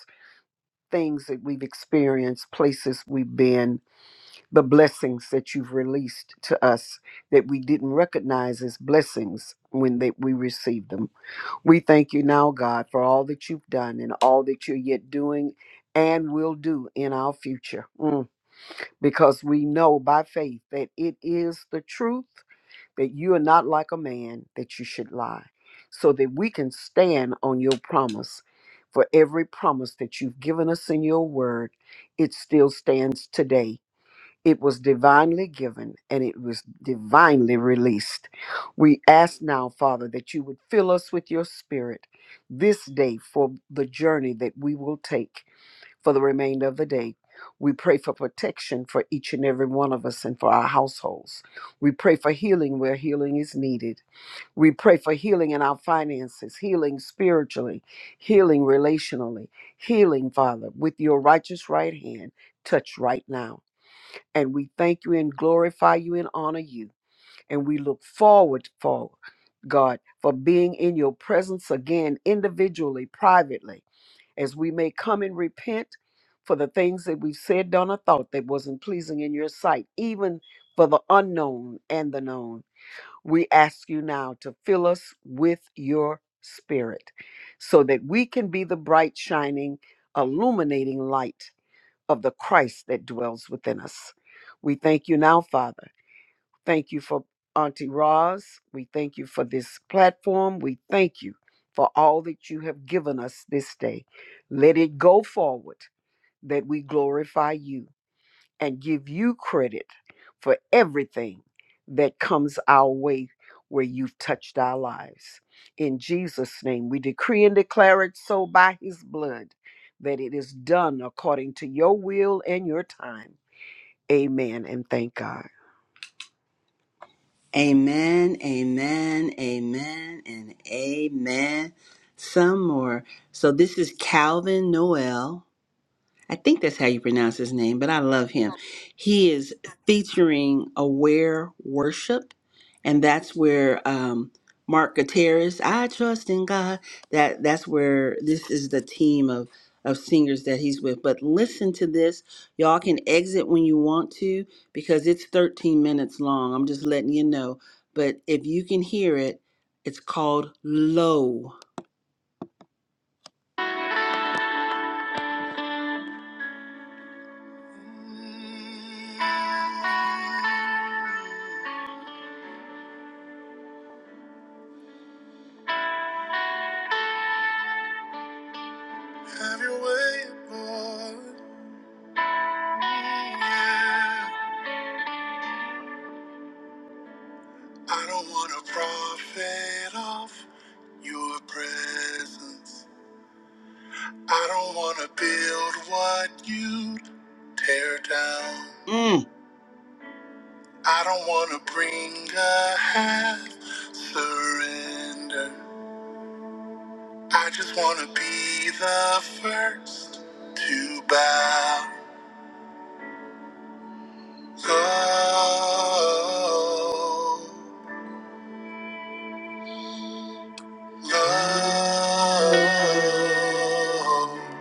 Speaker 5: things that we've experienced, places we've been, the blessings that you've released to us that we didn't recognize as blessings when they, we received them. We thank you now, God, for all that you've done and all that you're yet doing and will do in our future. Mm. Because we know by faith that it is the truth that you are not like a man that you should lie, so that we can stand on your promise. For every promise that you've given us in your word, it still stands today it was divinely given and it was divinely released. We ask now, Father, that you would fill us with your spirit this day for the journey that we will take for the remainder of the day. We pray for protection for each and every one of us and for our households. We pray for healing where healing is needed. We pray for healing in our finances, healing spiritually, healing relationally, healing, Father, with your righteous right hand. Touch right now. And we thank you and glorify you and honor you. And we look forward, for God, for being in your presence again, individually, privately, as we may come and repent for the things that we've said, done, or thought that wasn't pleasing in your sight, even for the unknown and the known. We ask you now to fill us with your spirit so that we can be the bright, shining, illuminating light of the Christ that dwells within us. We thank you now, Father. Thank you for Auntie Roz. We thank you for this platform. We thank you for all that you have given us this day. Let it go forward that we glorify you and give you credit for everything that comes our way where you've touched our lives. In Jesus' name, we decree and declare it so by his blood that it is done according to your will and your time. Amen and thank God.
Speaker 1: Amen, amen, amen, and amen. Some more. So this is Calvin Noel. I think that's how you pronounce his name, but I love him. He is featuring Aware Worship, and that's where um, Mark Gutierrez, I trust in God. That that's where this is the team of of singers that he's with. But listen to this, y'all can exit when you want to because it's 13 minutes long. I'm just letting you know. But if you can hear it, it's called Low. Have your way, Lord. I don't want to profit off your presence. I don't want to build what you tear down. Mm. I don't want to bring a half surrender. I just want to be the first to bow low, low.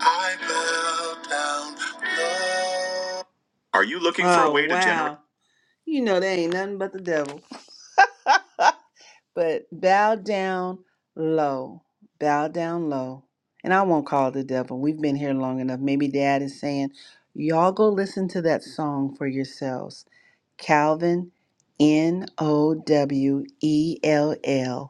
Speaker 1: I bow down low. Are you looking for a Oh, way to generate? Wow. You know, that ain't nothing but the devil. but bow down low. Bow down low. And I won't call it the devil. We've been here long enough. Maybe dad is saying, y'all go listen to that song for yourselves. Calvin, N O W E L L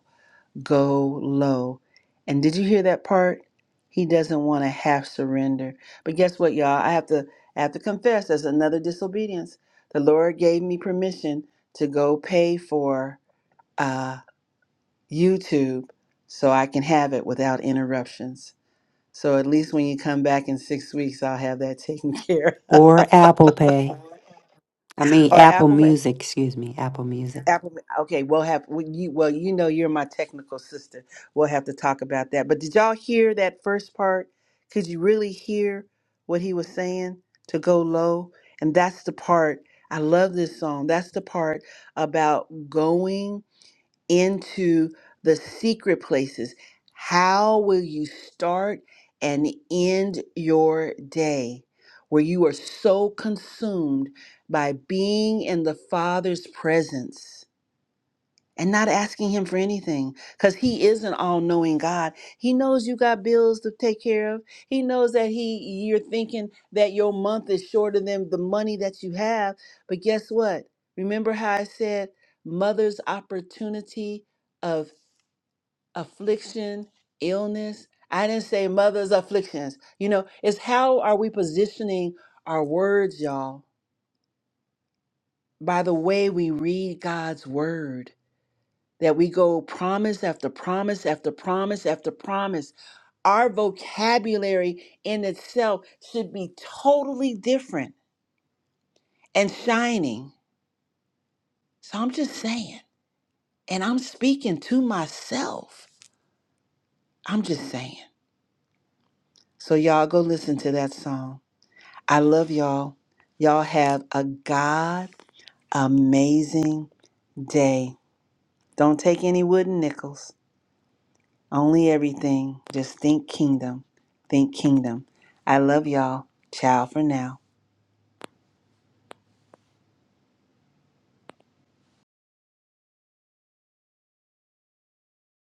Speaker 1: go low. And did you hear that part? He doesn't want to half surrender. But guess what, y'all? I have to I have to confess there's another disobedience. The Lord gave me permission to go pay for uh, YouTube so I can have it without interruptions. So at least when you come back in six weeks, I'll have that taken care of.
Speaker 3: Or Apple Pay. I mean,
Speaker 1: Or
Speaker 3: Apple
Speaker 1: Apple.
Speaker 3: Music, excuse me, Apple Music.
Speaker 1: Apple. Okay, we'll have we, you. Well, you know, you're my technical sister. We'll have to talk about that. But did y'all hear that first part? Could you really hear what he was saying to go low? And that's the part I love this song. That's the part about going into the secret places. How will you start and end your day? Where you are so consumed by being in the Father's presence and not asking him for anything because he is an all-knowing god he knows you got bills to take care of he knows that he you're thinking that your month is shorter than the money that you have but guess what remember how i said mother's opportunity of affliction illness i didn't say mother's afflictions you know it's how are we positioning our words y'all by the way we read god's word that we go promise after promise after promise after promise. Our vocabulary in itself should be totally different and shining. So I'm just saying, and I'm speaking to myself. I'm just saying. So y'all go listen to that song. I love y'all. Y'all have a God amazing day. Don't take any wooden nickels. Only everything. Just think kingdom. Think kingdom. I love y'all. Ciao for now.